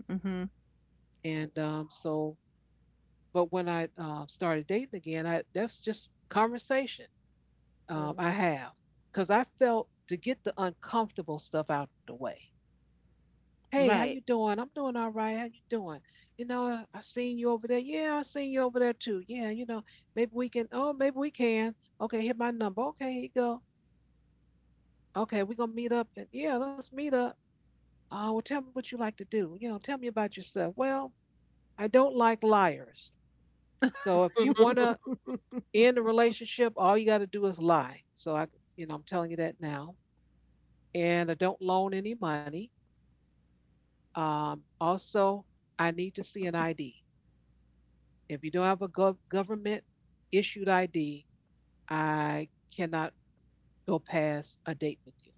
Speaker 2: Mhm.
Speaker 3: Oh.
Speaker 1: And so, but when I started dating again, I that's just conversation I
Speaker 3: Wow.
Speaker 1: have because I felt to get the uncomfortable stuff out the way. "Hey, how you
Speaker 2: Right.
Speaker 1: doing?" "I'm doing all right. How you doing?" "You know, I seen you over there." "Yeah, I seen you over there too." Yeah, maybe we can." "Oh, maybe we can." "Okay, hit my number." "Okay, here you go." "Okay, we gonna meet up." "And yeah, let's meet up." "Oh, well, tell me what you like to do. You know, tell me about yourself." "Well, I don't like liars. So if you
Speaker 3: Hmm.
Speaker 1: wanna end a relationship, all you gotta do is lie. So I'm telling you that now. And I don't loan any money. Also, I need to see an ID. If you don't have a government issued ID, I cannot go past a date with you."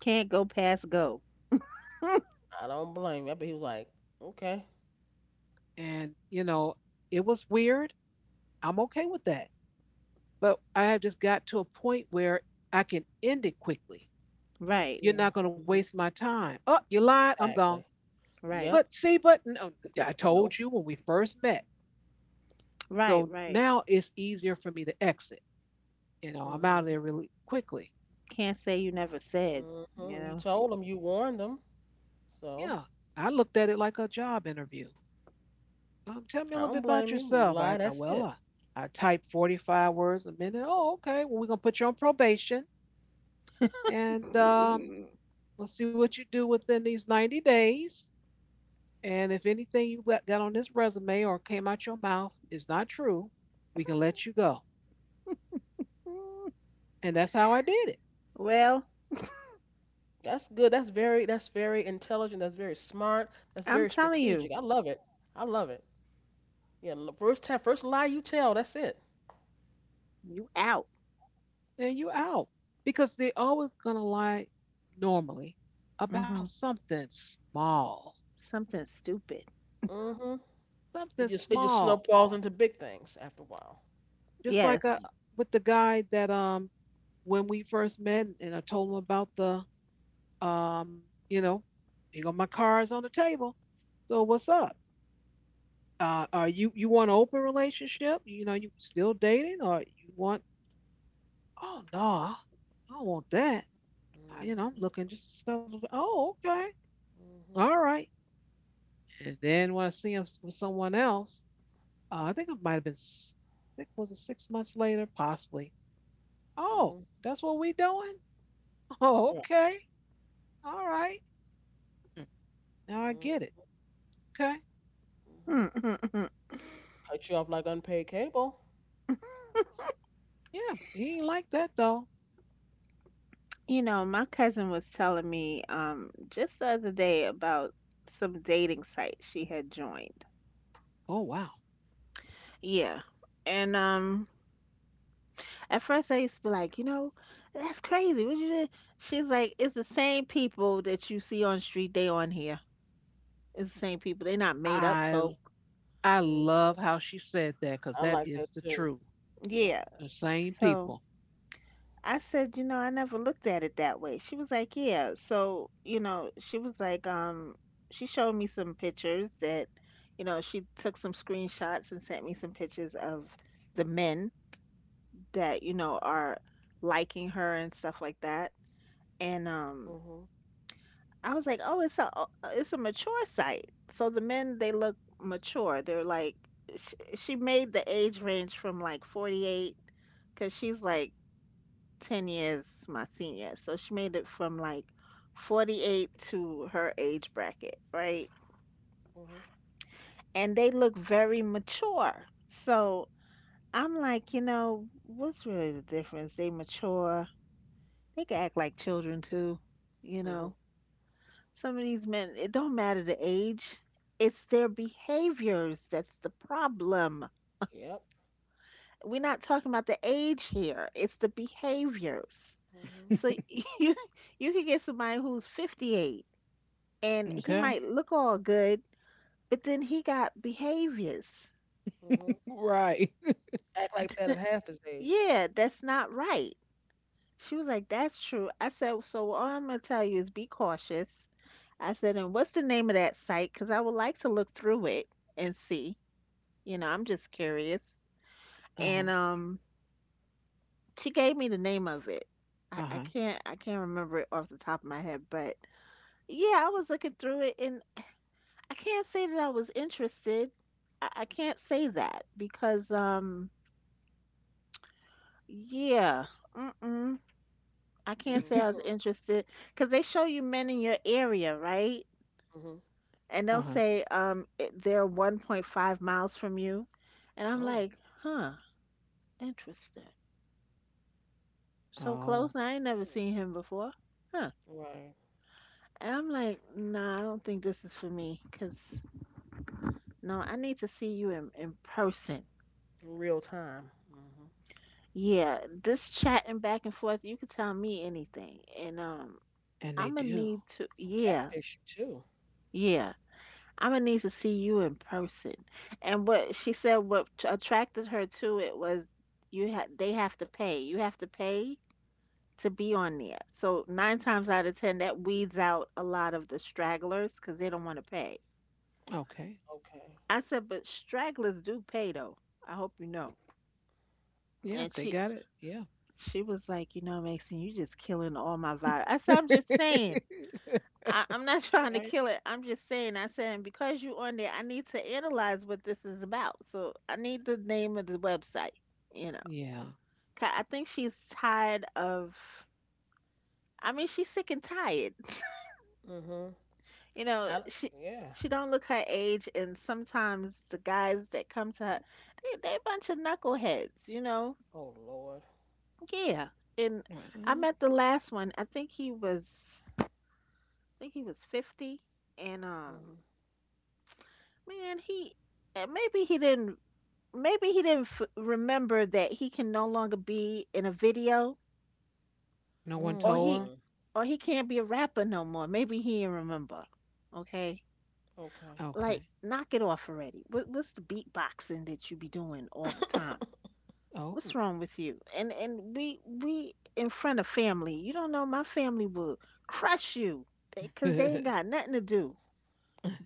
Speaker 2: Can't go past go.
Speaker 3: I don't blame you. But he was like, okay.
Speaker 1: And, it was weird. I'm okay with that. But I have just got to a point where I can end it quickly.
Speaker 2: Right.
Speaker 1: You're
Speaker 3: Yeah.
Speaker 1: not going to waste
Speaker 3: Hmm.
Speaker 1: my time. "Oh, you lied. I'm gone."
Speaker 3: Exactly.
Speaker 2: Right.
Speaker 3: Yep.
Speaker 1: But see, but no, I told
Speaker 3: Nope.
Speaker 1: you when we first met.
Speaker 2: Right.
Speaker 1: So
Speaker 2: Right.
Speaker 1: now it's easier for me to exit. I'm out of
Speaker 3: Hmm.
Speaker 1: there really quickly.
Speaker 2: Can't say you never said. You
Speaker 3: Hmm. You
Speaker 2: know.
Speaker 3: told him. You warned him.
Speaker 1: Yeah,
Speaker 3: So
Speaker 1: I looked at it like a job interview. "Tell me a
Speaker 3: I
Speaker 1: little
Speaker 3: don't
Speaker 1: bit about
Speaker 3: blame you. You
Speaker 1: yourself."
Speaker 3: lie.
Speaker 1: I
Speaker 3: That's
Speaker 1: Well,
Speaker 3: it.
Speaker 1: I type 45 words a minute." "Oh, okay. Well, we're gonna put you on probation, and we'll see what you do within these 90 days. And if anything you got on this resume or came out your mouth is not true, we can let you go."
Speaker 2: Mm.
Speaker 1: And that's how I did it.
Speaker 2: Well,
Speaker 3: That's good. That's very intelligent. That's very smart. That's
Speaker 2: I'm
Speaker 3: very
Speaker 2: telling you,
Speaker 3: strategic. I love it. I love it. Yeah, first time, first lie you tell, that's it.
Speaker 2: you out.
Speaker 1: And you out because they're always gonna lie normally about
Speaker 2: Mhm.
Speaker 1: something small,
Speaker 2: Something stupid.
Speaker 3: Hmm.
Speaker 1: something
Speaker 3: It just
Speaker 1: small.
Speaker 3: snowballs into big things after a while.
Speaker 1: Just like
Speaker 2: Yes.
Speaker 1: with the guy that when we first met, and I told him about the um you know, my cards on the table. "So what's up? Are you you want an open relationship? You still dating, or you want?" "Oh no, I don't want that. I, you know,
Speaker 3: Hmm.
Speaker 1: I'm looking just to settle." "Oh, okay,
Speaker 3: Hmm.
Speaker 1: all right." And then when I see him with someone else, I think it might have been six. Was it 6 months later? Possibly. "Oh,
Speaker 3: Hmm.
Speaker 1: that's what we doing?" Oh,
Speaker 3: Yeah.
Speaker 1: okay. All right. Hmm. Now I get it. Okay.
Speaker 3: Mm-hmm. Cut you off like unpaid cable.
Speaker 1: Yeah, he ain't like that though.
Speaker 2: You know, my cousin was telling me just the other day about some dating site she had joined.
Speaker 1: Oh wow.
Speaker 2: Yeah. And at first I used to be like, you know, that's crazy. What you did? She's like, it's the same people that you see on the street, they on here. It's the same people. They're not made up folk.
Speaker 1: I I
Speaker 3: Mm,
Speaker 1: love how she said that because
Speaker 3: I
Speaker 1: that
Speaker 3: like
Speaker 1: is
Speaker 3: that
Speaker 1: the
Speaker 3: too.
Speaker 1: truth.
Speaker 3: Yep.
Speaker 2: Yeah.
Speaker 1: The same
Speaker 2: So
Speaker 1: people.
Speaker 2: I said, you know, I never looked at it that way. She was like, yeah. So, you know, she was like, she showed me some pictures that, you know, she took some screenshots and sent me some pictures of the men that, you know, are liking her and stuff like that. And
Speaker 3: Hmm.
Speaker 2: I was like, oh, it's a mature site. So the men, they look mature. They're like, she made the age range from like 48, because she's like 10 years my senior. So she made it from like 48 to her age bracket, right?
Speaker 3: Hmm.
Speaker 2: And they look very mature. So I'm like, you know, what's really the difference? They mature, they can act like children too, you
Speaker 3: Hmm.
Speaker 2: know. Some of these men, it don't matter the age, it's their behaviors that's the problem.
Speaker 3: Yep.
Speaker 2: We're not talking about the age here, it's the behaviors.
Speaker 3: Hmm.
Speaker 2: So you you can get somebody who's 58 and he
Speaker 1: Okay.
Speaker 2: might look all good, but then he got behaviors.
Speaker 3: Hmm.
Speaker 1: Right.
Speaker 3: Act like that at half his age.
Speaker 2: Yeah, that's not right. She was like, "That's true." I said, "So all I'm going to tell you is be cautious." I said, "And what's the name of that site? Because I would like to look through it and see. You know, I'm just curious."
Speaker 1: Uh huh.
Speaker 2: And she gave me the name of it.
Speaker 1: Uh huh.
Speaker 2: I can't remember it off the top of my head, but yeah, I was looking through it and I can't say that I was interested. I can't say that because yeah. Mm-mm. I can't say I was
Speaker 3: Hmm.
Speaker 2: interested because they show you men in your area, right?
Speaker 3: Hmm.
Speaker 2: And
Speaker 1: Uh
Speaker 2: they'll
Speaker 1: huh.
Speaker 2: say it, they're 1.5 miles from you. And I'm
Speaker 3: Oh.
Speaker 2: like, huh, interesting. So close,
Speaker 1: Oh,
Speaker 2: and I ain't never
Speaker 3: Mm,
Speaker 2: seen him before. Huh.
Speaker 3: right.
Speaker 2: And I'm like, nah, I don't think this is for me because no, I need to see you in person.
Speaker 3: In real time. Hmm.
Speaker 2: Yeah, this chatting back and forth, you could tell me anything. And
Speaker 1: and they
Speaker 2: I'm gonna
Speaker 1: do.
Speaker 2: need to, yeah,
Speaker 3: Catfish you too.
Speaker 2: yeah. I'm gonna need to see you in person. And what she said, what attracted her to it was you had they have to pay. You have to pay to be on there. So nine times out of ten, that weeds out a lot of the stragglers because they don't want to pay.
Speaker 1: Okay.
Speaker 3: Okay.
Speaker 2: I said, "But stragglers do pay though. I hope you know."
Speaker 1: Yeah,
Speaker 2: And
Speaker 1: if they got it. Yeah.
Speaker 2: she was like, "You know, Maxine, you just killing all my vibe." I said, "I'm just saying. I'm not trying to
Speaker 3: Right.
Speaker 2: kill it. I'm just saying." I said, "And because you on there, I need to analyze what this is about. So I need the name of the website, you know."
Speaker 1: Yeah.
Speaker 2: 'Cause I think she's tired of, I mean, she's sick and tired.
Speaker 3: Hmm.
Speaker 2: You
Speaker 3: I
Speaker 2: know,
Speaker 3: don't- Yeah.
Speaker 2: she don't look her age, and sometimes the guys that come to her, they a bunch of knuckleheads, you know.
Speaker 3: Oh Lord.
Speaker 2: Yeah. And I
Speaker 1: Well,
Speaker 2: met the last one. I think he was 50, and
Speaker 3: Hmm.
Speaker 2: man, and maybe he didn't remember that he can no longer be in a video
Speaker 1: no one
Speaker 2: or
Speaker 1: told
Speaker 2: he
Speaker 3: Mm.
Speaker 1: him.
Speaker 2: or he can't be a rapper no more. Maybe he didn't remember. Okay?
Speaker 3: Okay.
Speaker 2: Like
Speaker 1: Okay.
Speaker 2: knock it off already. What's the beatboxing that you be doing all the time? What's
Speaker 1: Oh.
Speaker 2: wrong with you? And we in front of family. You don't know my family will crush you cuz they ain't got nothing to do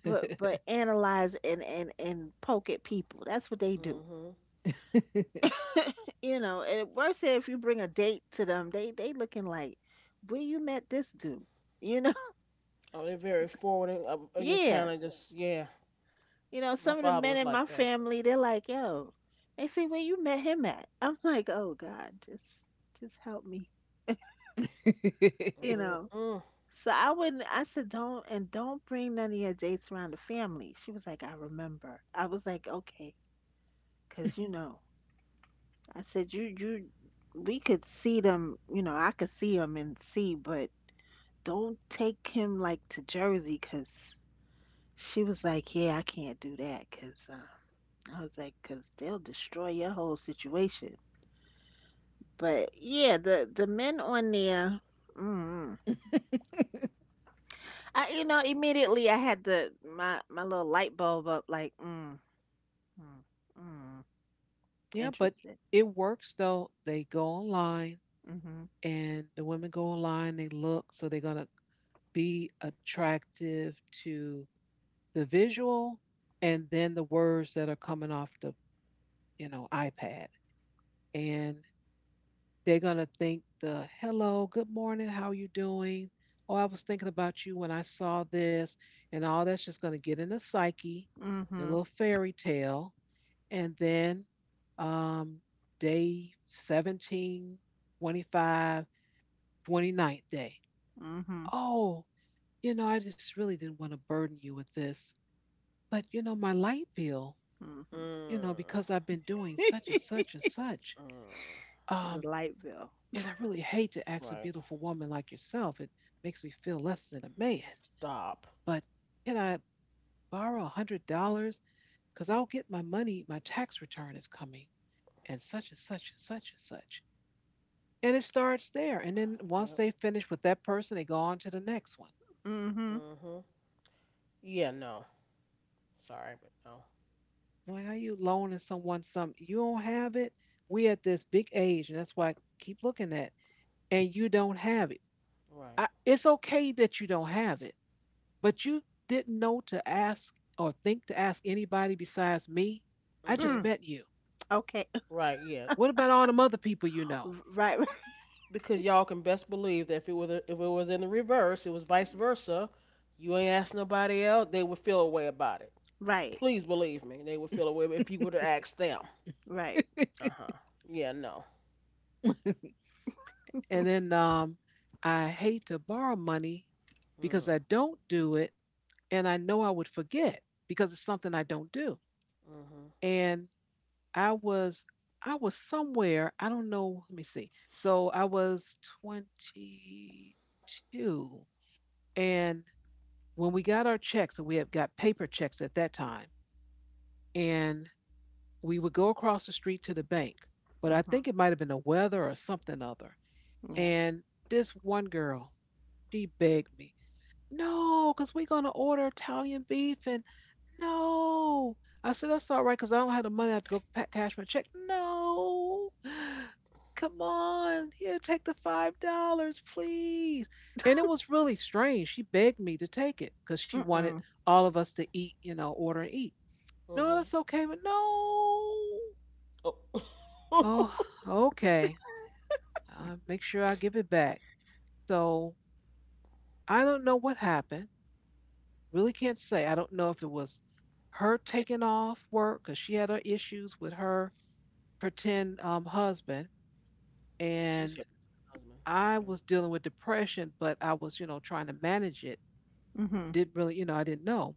Speaker 2: but analyze and poke at people. That's what they do.
Speaker 3: Hmm.
Speaker 2: You know, and worse if you bring a date to them, they looking like, where you met this dude, you know?
Speaker 3: Oh, they're very forwarding. I just
Speaker 2: Yeah,
Speaker 3: kind of just yeah.
Speaker 2: you know,
Speaker 3: My
Speaker 2: some of the
Speaker 3: father
Speaker 2: men
Speaker 3: was
Speaker 2: in my
Speaker 3: like that.
Speaker 2: family, they're like, "Yo," they say, "where you met him at?" I'm like, oh God, just help me, you
Speaker 3: Mm
Speaker 2: know.
Speaker 3: mm
Speaker 2: So I wouldn't. I said, "Don't," and, "don't bring none of your dates around the family." She was like, "I remember." I was like, okay, cause you know, I said, You we could see them, you know, I could see them and see, but don't take him like to Jersey because," she was like, "Yeah, I can't do that because I was like, "Because they'll destroy your whole situation." But yeah, the men on there, mm, I you know immediately I had the my little light bulb up like, mm, mm, mm,
Speaker 1: Yeah, but
Speaker 2: interesting.
Speaker 1: it works though. They go online
Speaker 2: Mm-hmm.
Speaker 1: and the women go online, they look, so they're going to be attractive to the visual and then the words that are coming off the, iPad. And they're going to think the "Hello, good morning, how you doing? Oh, I was thinking about you when I saw this," and all that's just going to get in the psyche, the
Speaker 2: Mm-hmm.
Speaker 1: little fairy tale. And then um, day 17, 25, twenty-ninth day.
Speaker 2: Mm-hmm.
Speaker 1: Oh, I just really didn't want to burden you with this. But, my light bill,
Speaker 2: Mm-hmm.
Speaker 1: you know,
Speaker 3: mm
Speaker 1: because I've been doing such and such and such.
Speaker 3: mm.
Speaker 2: The
Speaker 1: Um,
Speaker 2: light bill.
Speaker 1: and I really hate to ask a
Speaker 3: Right.
Speaker 1: beautiful woman like yourself. It makes me feel less than a man.
Speaker 3: Stop.
Speaker 1: But can I borrow $100? Because I'll get my money, my tax return is coming, and such and such and such and such." And it starts there. And then once
Speaker 3: Yep.
Speaker 1: they finish with that person, they go on to the next one.
Speaker 2: Mm-hmm.
Speaker 3: Mhm. Yeah. No. Sorry, but no.
Speaker 1: I'm like, "How you loaning someone something? You don't have it. We at this big age," and that's why I keep looking at, and you don't have it.
Speaker 3: Right.
Speaker 1: It's okay that you don't have it, but you didn't know to ask or think to ask anybody besides me. I just
Speaker 3: Mhm.
Speaker 2: Mm,
Speaker 1: met you.
Speaker 2: okay.
Speaker 3: Right. Yeah.
Speaker 1: What about all them other people you know?
Speaker 2: Right. Right.
Speaker 3: Because y'all can best believe that if it was in the reverse, it was vice versa. You ain't asked nobody else, they would feel a way about it.
Speaker 2: Right.
Speaker 3: Please believe me, they would feel a way if you would have asked them.
Speaker 2: Right.
Speaker 3: Uh huh. Yeah. No.
Speaker 1: And then I hate to borrow money because
Speaker 3: Mm.
Speaker 1: I don't do it and I know I would forget because it's something I don't do.
Speaker 3: Mhm.
Speaker 1: And I was I was somewhere, I don't know, let me see. So I was 22 and when we got our checks, and we had got paper checks at that time, and we would go across the street to the bank. But I
Speaker 2: Mm-hmm.
Speaker 1: think it might have been the weather or something other.
Speaker 2: Yeah.
Speaker 1: And this one girl, she begged me. "No, 'cause we 'cause gonna order Italian beef and no." I said, "That's all right, 'cause I don't have the money. I have to go pa cash my check." "No, come on, here, take the $5, please." And it was really strange. She begged me to take it 'cause she wanted
Speaker 2: Mm-mm.
Speaker 1: all of us to eat, order and eat. "No,
Speaker 3: Mhm.
Speaker 1: that's okay, but no.
Speaker 3: Oh.
Speaker 1: Oh, okay. Make sure I give it back." So I don't know what happened. Really can't say. I don't know if it was her taking off work because she had her issues with her pretend husband,
Speaker 3: You said
Speaker 1: and
Speaker 3: husband. Okay.
Speaker 1: I was dealing with depression, but I was, trying to manage it.
Speaker 2: Mhm.
Speaker 1: Didn't really, I didn't know.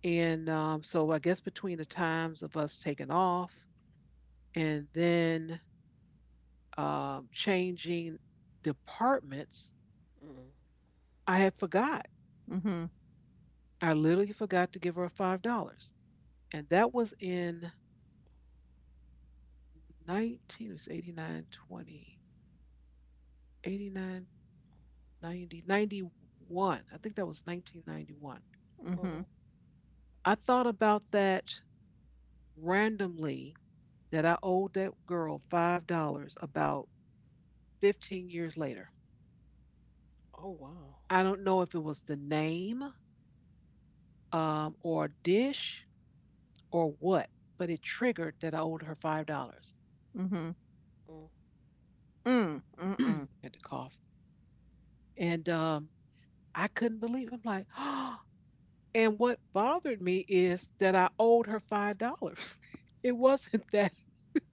Speaker 1: And so I guess between the times of us taking off and then changing departments,
Speaker 3: Mhm.
Speaker 1: I had forgot.
Speaker 2: Mhm.
Speaker 1: I literally forgot to give her $5, and that was in 19. It was 89 20. 89, 90, 91. I think that was 1991.
Speaker 3: Mhm.
Speaker 2: Mhm.
Speaker 1: I thought about that randomly that I owed that girl $5 about 15 years later.
Speaker 3: Oh wow.
Speaker 1: I don't know if it was the name, or a dish or what, but it triggered that I owed her $5.
Speaker 2: Mhm.
Speaker 3: Mm.
Speaker 2: Mm. Mm-mm.
Speaker 1: Had to cough. And I couldn't believe it. I'm like, oh. And what bothered me is that I owed her $5. It wasn't that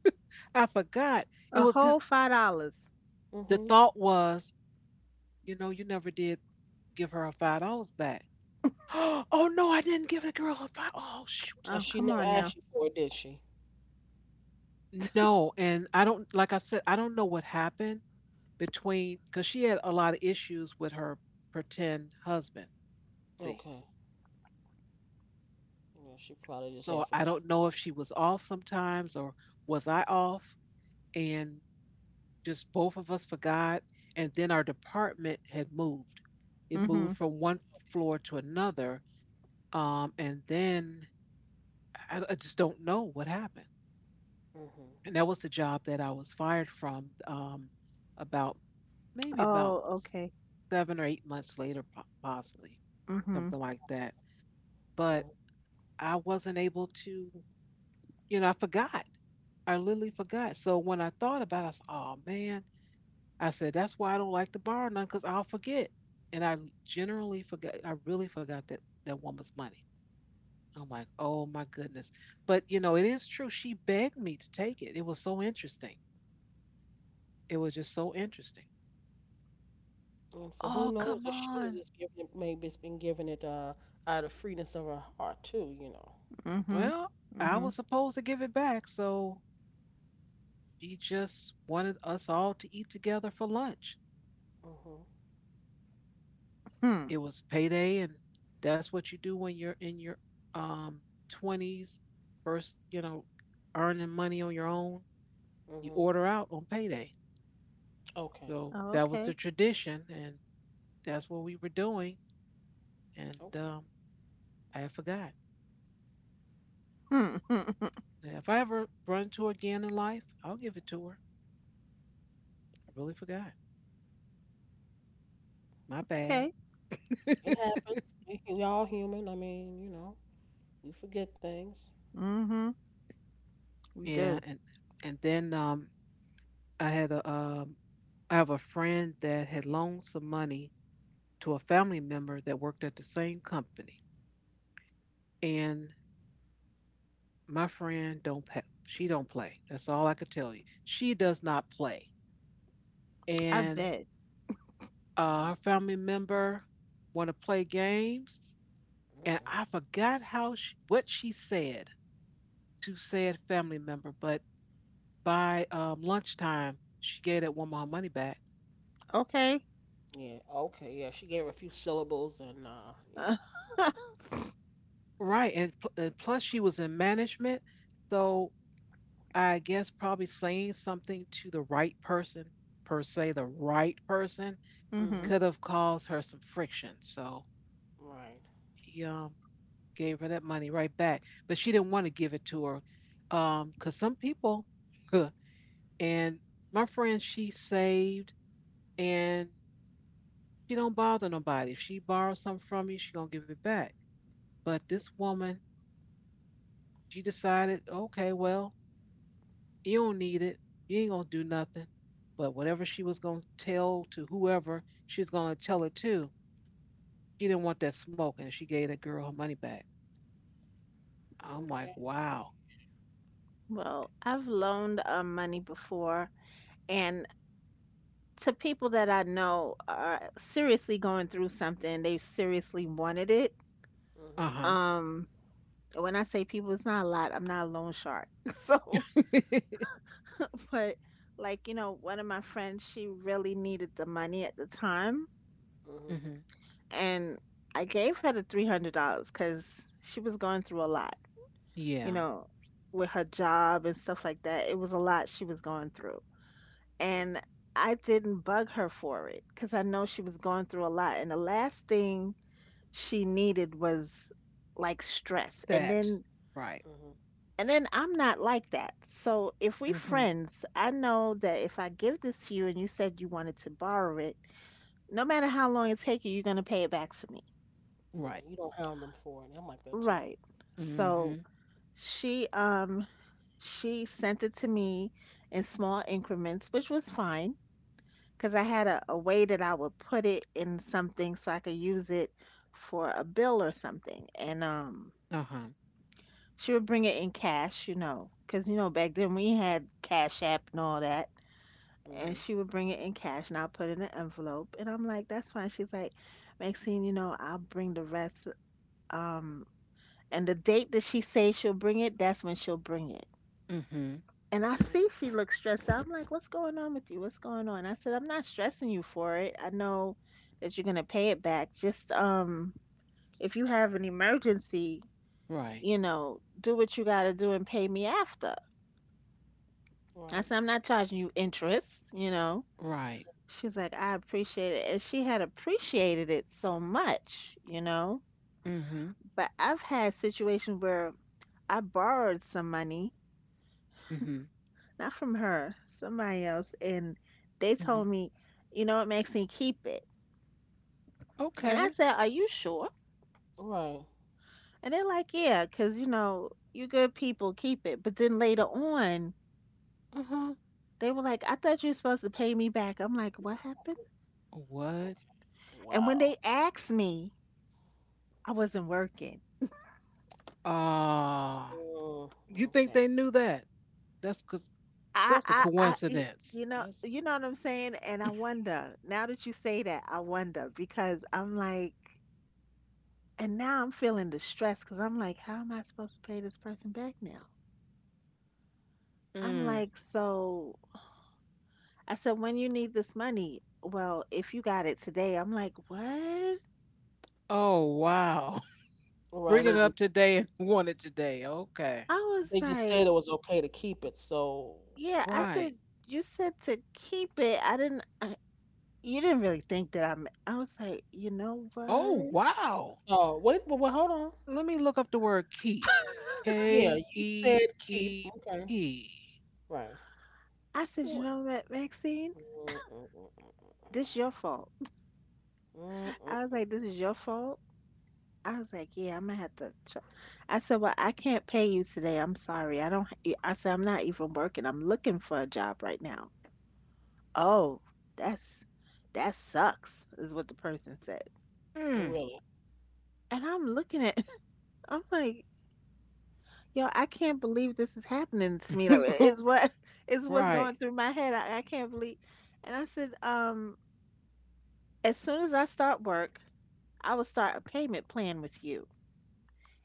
Speaker 1: I forgot. It
Speaker 2: A
Speaker 1: was this
Speaker 2: whole $5.
Speaker 1: the
Speaker 3: Mhm.
Speaker 1: thought was, you never did give her her $5 back. Oh no, I didn't give the girl her five. Oh shoot.
Speaker 3: And
Speaker 2: Oh,
Speaker 3: she
Speaker 2: come
Speaker 3: never
Speaker 2: on now.
Speaker 3: asked you for it, did she?
Speaker 1: No, and I don't like I said, I don't know what happened between because she had a lot of issues with her pretend husband. See.
Speaker 3: Okay. Yeah, she probably just had
Speaker 1: So I
Speaker 3: forgotten.
Speaker 1: don't know if she was off sometimes or was I off and just both of us forgot. And then our department had moved. It
Speaker 2: Mhm.
Speaker 1: moved from one floor to another. And then I just don't know what happened. And that was the job that I was fired from, about maybe about
Speaker 2: Oh, okay.
Speaker 1: 7 or 8 months later, possibly
Speaker 2: Mhm.
Speaker 1: something like that. But
Speaker 3: Mhm.
Speaker 1: I wasn't able to, you know, I forgot. I literally forgot. So when I thought about it, I said, oh man, I said, that's why I don't like to borrow none because I'll forget. And I generally forgot, I really forgot that woman's money. I'm like, oh my goodness. But you know, it is true. She begged me to take it. It was so interesting. It was just so interesting.
Speaker 3: And for who
Speaker 1: Oh,
Speaker 3: knows
Speaker 1: come
Speaker 3: if she was
Speaker 1: on.
Speaker 3: just giving it, maybe it's been giving it out of freeness of her heart too, you know.
Speaker 2: Mhm.
Speaker 1: Well, I
Speaker 2: Mhm.
Speaker 1: was supposed to give it back. So she just wanted us all to eat together for lunch.
Speaker 3: Mhm.
Speaker 2: Hmm.
Speaker 1: It was payday, and that's what you do when you're in your um 20s, first, you know, earning money on your own. You
Speaker 3: Mhm.
Speaker 1: order out on payday.
Speaker 3: Okay.
Speaker 1: So
Speaker 2: Oh,
Speaker 1: that was
Speaker 2: okay.
Speaker 1: the tradition, and that's what we were doing. And
Speaker 3: Okay.
Speaker 1: um, I had forgot.
Speaker 2: Hmm. Hmm,
Speaker 1: Now, if I ever run into her again in life, I'll give it to her. I really forgot. My bad.
Speaker 2: okay.
Speaker 3: It happens. We all human. We forget things.
Speaker 2: Mhm. We
Speaker 1: Yeah,
Speaker 2: do.
Speaker 1: and then, I had a um, I have a friend that had loaned some money to a family member that worked at the same company, and my friend don't pay. She don't play. That's all I could tell you. She does not play,
Speaker 2: I
Speaker 1: and
Speaker 2: bet.
Speaker 3: Mhm.
Speaker 1: her family member want to play games, and I
Speaker 3: Mm-mm.
Speaker 1: forgot what she said to said family member, but by, lunchtime, she gave that woman her money back.
Speaker 2: Okay.
Speaker 3: Yeah. Okay. Yeah. She gave her a few syllables and yeah.
Speaker 1: Right, and plus she was in management, so I guess probably saying something to the right person, per se, the right person,
Speaker 3: Mhm.
Speaker 2: Mhm.
Speaker 1: could have caused her some friction. So
Speaker 3: Right.
Speaker 1: he, gave her that money right back, but she didn't want to give it to her, cause some people. And my friend, she saved, and she don't bother nobody. If she borrows something from you, she gonna give it back. But this woman, she decided, okay, well, you don't need it. You ain't gonna do nothing. But whatever she was gonna tell to whoever she was gonna tell it to, she didn't want that smoke, and she gave that girl her money back. I'm like,
Speaker 3: Okay.
Speaker 1: wow.
Speaker 2: Well, I've loaned money before, and to people that I know are seriously going through something, they seriously wanted it.
Speaker 1: Uh
Speaker 3: Mhm.
Speaker 1: huh.
Speaker 2: Um, when I say people, it's not a lot. I'm not a loan shark. So, but like, you know, one of my friends, she really needed the money at the time.
Speaker 3: Mhm.
Speaker 1: Mhm.
Speaker 2: And I gave her the $300 because she was going through a lot, you
Speaker 1: Yeah,
Speaker 2: know, with her job and stuff like that. It was a lot she was going through.
Speaker 3: Okay.
Speaker 2: And I didn't bug her for it because I know she was going through a lot. And the last thing she needed was like stress. And
Speaker 1: that.
Speaker 2: then
Speaker 1: Right.
Speaker 3: Mhm.
Speaker 2: I'm not like that. So if we
Speaker 1: Mhm.
Speaker 2: friends, I know that if I give this to you and you said you wanted to borrow it, no matter how long it takes you, you're gonna pay it back to me.
Speaker 3: Right.
Speaker 1: Right.
Speaker 3: You don't hound them for it. I'm like that too.
Speaker 2: Right. So
Speaker 1: Mhm.
Speaker 2: she um she sent it to me in small increments, which was fine because I had a way that I would put it in something so I could use it for a bill or something. And
Speaker 1: Uh huh.
Speaker 2: she would bring it in cash, you know, because you know back then we had Cash App and all that.
Speaker 3: Mhm.
Speaker 2: And she would bring it in cash and I'll put it in an envelope. And I'm like, that's fine. She's like, "Maxine, you know, I'll bring the rest. Um," and the date that she says she'll bring it, that's when she'll bring it.
Speaker 1: Mhm.
Speaker 2: And I
Speaker 3: Mm.
Speaker 2: see she looks stressed out. I'm like, "What's going on with you? What's going on?" I said, "I'm not stressing you for it. I know that you're gonna pay it back. Just if you have an emergency,
Speaker 1: Right.
Speaker 2: you know, do what you gotta do and pay me after." I
Speaker 3: Right.
Speaker 2: said, "I'm not charging you interest, you know."
Speaker 1: Right.
Speaker 2: She's like, "I appreciate it." And she had appreciated it so much, you know.
Speaker 1: Mhm.
Speaker 2: But I've had situations where I borrowed some money,
Speaker 1: Mhm.
Speaker 2: not from her, somebody else, and they told
Speaker 1: Mhm.
Speaker 2: me, "You know what, Maxine, keep it." And I
Speaker 1: Okay.
Speaker 2: said, "Are you sure?"
Speaker 3: Right.
Speaker 2: And they're like, "Yeah, because, you know, you good people, keep it." But then later on,
Speaker 1: Uh-huh.
Speaker 2: they were like, "I thought you were supposed to pay me back." I'm like, "What happened?"
Speaker 1: What?
Speaker 3: Okay.
Speaker 2: And when
Speaker 3: Wow.
Speaker 2: they asked me, I wasn't working.
Speaker 1: Ah,
Speaker 3: Mm,
Speaker 1: you think
Speaker 3: okay.
Speaker 1: they knew that? That's cause, 'cause
Speaker 2: I,
Speaker 1: that's a
Speaker 2: I, I, y-
Speaker 1: coincidence. That's
Speaker 2: you know what I'm saying? And I wonder, now that you say that, I wonder because I'm like, and now I'm feeling the stress because I'm like, how am I supposed to pay this person back now? I'm
Speaker 1: mm.
Speaker 2: like, so I said, "When you need this money?" "Well, if you got it today." I'm like, "What?"
Speaker 1: Oh wow.
Speaker 3: All right.
Speaker 1: Bring it
Speaker 3: They
Speaker 1: up
Speaker 3: just
Speaker 1: today and want it today. Okay.
Speaker 2: I
Speaker 3: they
Speaker 2: was
Speaker 3: just
Speaker 2: like,
Speaker 3: said it was okay to keep it. So
Speaker 2: yeah, I
Speaker 3: okay.
Speaker 1: Right.
Speaker 2: said, "You said to keep it. I didn't, I, you didn't really think that I was like, you know
Speaker 1: Oh
Speaker 2: what?
Speaker 1: wow.
Speaker 3: Oh wait. Well, well hold on.
Speaker 1: Let me look up the word keep.
Speaker 3: Yeah,
Speaker 1: K
Speaker 3: you
Speaker 1: E
Speaker 3: said keep.
Speaker 1: E
Speaker 3: Okay.
Speaker 1: P.
Speaker 3: Right.
Speaker 2: I said, "You
Speaker 1: What?
Speaker 2: know what, Maxine?
Speaker 3: Mm, mm, mm,
Speaker 2: This your fault."
Speaker 3: mm, mm, mm,
Speaker 2: I was like, this
Speaker 3: mm.
Speaker 2: is your fault. I was like, "Yeah, I'm gonna have to. Ch-." I said, "Well, I can't pay you today. I'm sorry. I don't. I said, "I'm not even working. I'm looking for a job right now." "Oh, that's that sucks," is what the person said.
Speaker 1: Mm.
Speaker 3: Really.
Speaker 2: And I'm looking at, I'm like, yo, I can't believe this is happening to me. Like, it's what is what's
Speaker 1: Right.
Speaker 2: going through my head. I can't believe. And I said, "As soon as I start work, I will start a payment plan with you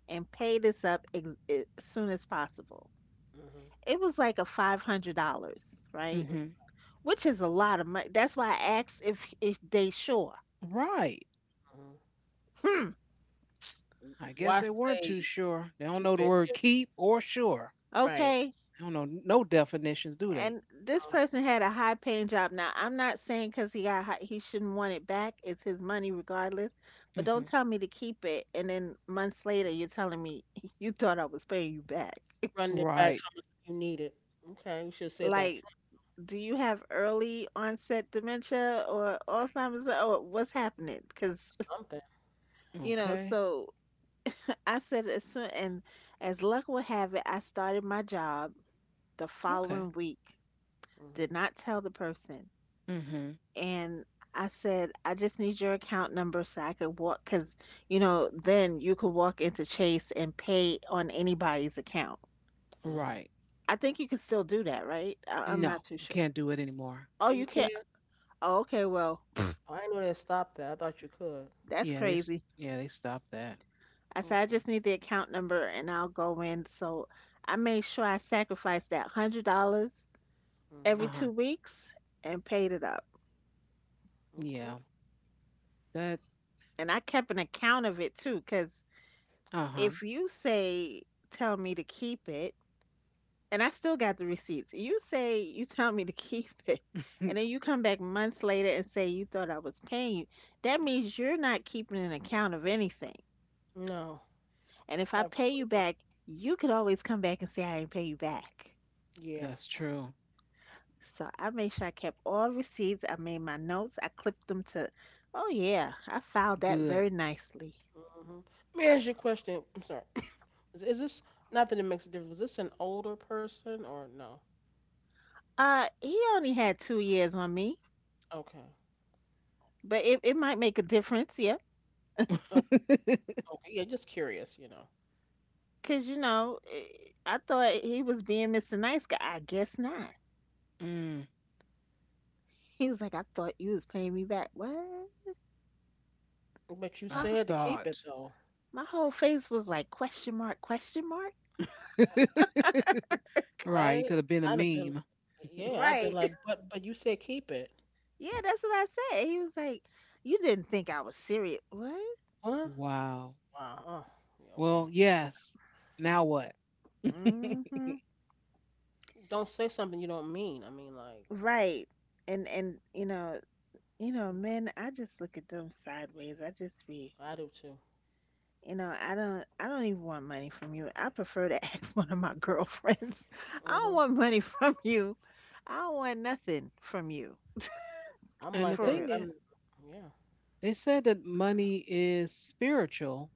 Speaker 2: and pay this up as soon as possible."
Speaker 3: Mm-hmm.
Speaker 2: It was like a $500, right?
Speaker 1: Mm-hmm.
Speaker 2: Which is a lot of money. That's why I asked if they sure.
Speaker 1: Right.
Speaker 3: Mm-hmm.
Speaker 2: Hmm.
Speaker 1: I guess
Speaker 3: Why
Speaker 1: they weren't too
Speaker 3: say
Speaker 1: sure. They don't
Speaker 3: keep
Speaker 1: know the
Speaker 3: it
Speaker 1: word
Speaker 3: if
Speaker 1: keep or sure.
Speaker 3: right?
Speaker 2: Okay.
Speaker 1: They don't know no definitions, do they?
Speaker 2: And this
Speaker 3: Uh,
Speaker 2: person had a high paying job. Now, I'm not saying because he got high, he shouldn't want it back. It's his money regardless. But don't
Speaker 1: Hmm.
Speaker 2: tell me to keep it. And then months later, you're telling me you thought I was paying you back.
Speaker 3: run it back so
Speaker 1: Right.
Speaker 3: much you need it. Okay. You should have said that in
Speaker 2: Like,
Speaker 3: front
Speaker 2: do you have early onset dementia or Alzheimer's or what's happening? Because
Speaker 3: of something.
Speaker 2: you know.
Speaker 1: Okay.
Speaker 2: So I said, as soon and as luck would have it, I started my job the following
Speaker 1: Okay.
Speaker 2: week,
Speaker 3: Mm-hmm.
Speaker 2: did not tell the person,
Speaker 1: Hmm.
Speaker 2: and I said, "I just need your account number so I could walk," because you know then you could walk into Chase and pay on anybody's account.
Speaker 3: Mm-hmm.
Speaker 1: Right.
Speaker 2: I think you can still do that, right? I'm
Speaker 1: No,
Speaker 2: not too sure.
Speaker 1: can't do it anymore.
Speaker 2: Oh,
Speaker 3: Oh, you
Speaker 2: you can't.
Speaker 3: can't?
Speaker 2: Oh, okay. Well,
Speaker 3: Oh, I didn't know they stopped that. I thought you could.
Speaker 2: that's
Speaker 1: Yeah, they s-
Speaker 2: crazy.
Speaker 1: yeah, they stopped that.
Speaker 2: I said, "I
Speaker 3: Okay.
Speaker 2: just need the account number and I'll go in." So I made sure I sacrificed that $100 every two
Speaker 1: Uh-huh.
Speaker 2: weeks and paid it up.
Speaker 3: Mm-hmm.
Speaker 1: Yeah. That
Speaker 2: And I kept an account of it too, because
Speaker 1: uh-huh.
Speaker 2: if you say, tell me to keep it, and I still got the receipts, you say, you tell me to keep it, and then you come back months later and say, you thought I was paying you, that means you're not keeping an account of anything.
Speaker 3: No.
Speaker 2: And if
Speaker 3: I
Speaker 2: I
Speaker 3: really
Speaker 2: pay you back, you could always come back and say, I didn't pay you back.
Speaker 3: don't. Yeah.
Speaker 1: That's true.
Speaker 2: So I made sure I kept all receipts. I made my notes. I clipped them to, oh yeah, I filed that
Speaker 1: Good.
Speaker 2: very nicely.
Speaker 3: hmm May I ask you a question? I'm sorry. Is this not that it makes a difference? Was this an older person or no?
Speaker 2: He only had 2 years on me,
Speaker 3: Okay.
Speaker 2: but it might make a difference, yeah.
Speaker 3: Okay. Okay. Yeah, just curious, you know.
Speaker 2: Cause I thought he was being Mr. Nice Guy. I guess not.
Speaker 1: mm,
Speaker 2: He was like, I thought you was paying me back. What?
Speaker 3: But you
Speaker 2: My
Speaker 1: I
Speaker 3: said to keep it
Speaker 1: thought.
Speaker 3: though,
Speaker 2: my whole face was like question mark, question mark.
Speaker 1: Right, you
Speaker 3: right?
Speaker 1: could have been a
Speaker 3: I'd have been,
Speaker 1: meme.
Speaker 3: yeah, I'd been
Speaker 2: Right.
Speaker 3: like, but you said keep it.
Speaker 2: Yeah, that's what I said. He was like, you didn't think I was serious. What?
Speaker 3: Huh?
Speaker 1: Wow.
Speaker 3: Wow. Oh, yeah,
Speaker 1: Well,
Speaker 3: okay.
Speaker 1: yes. Now what?
Speaker 2: Mm-hmm.
Speaker 3: Don't say something you don't mean.
Speaker 2: Right. And
Speaker 3: Mhm,
Speaker 2: men, I just look at them sideways. I just be.
Speaker 3: I do too.
Speaker 2: You know, I don't even want money from you. I prefer to ask one of my girlfriends. I don't
Speaker 3: Mhm.
Speaker 2: want money from you. I don't want nothing from you.
Speaker 3: I'm
Speaker 1: And the
Speaker 3: like
Speaker 2: For
Speaker 3: that. If
Speaker 1: thing
Speaker 2: real.
Speaker 1: is,
Speaker 3: I'm, yeah.
Speaker 1: they said that money is spiritual,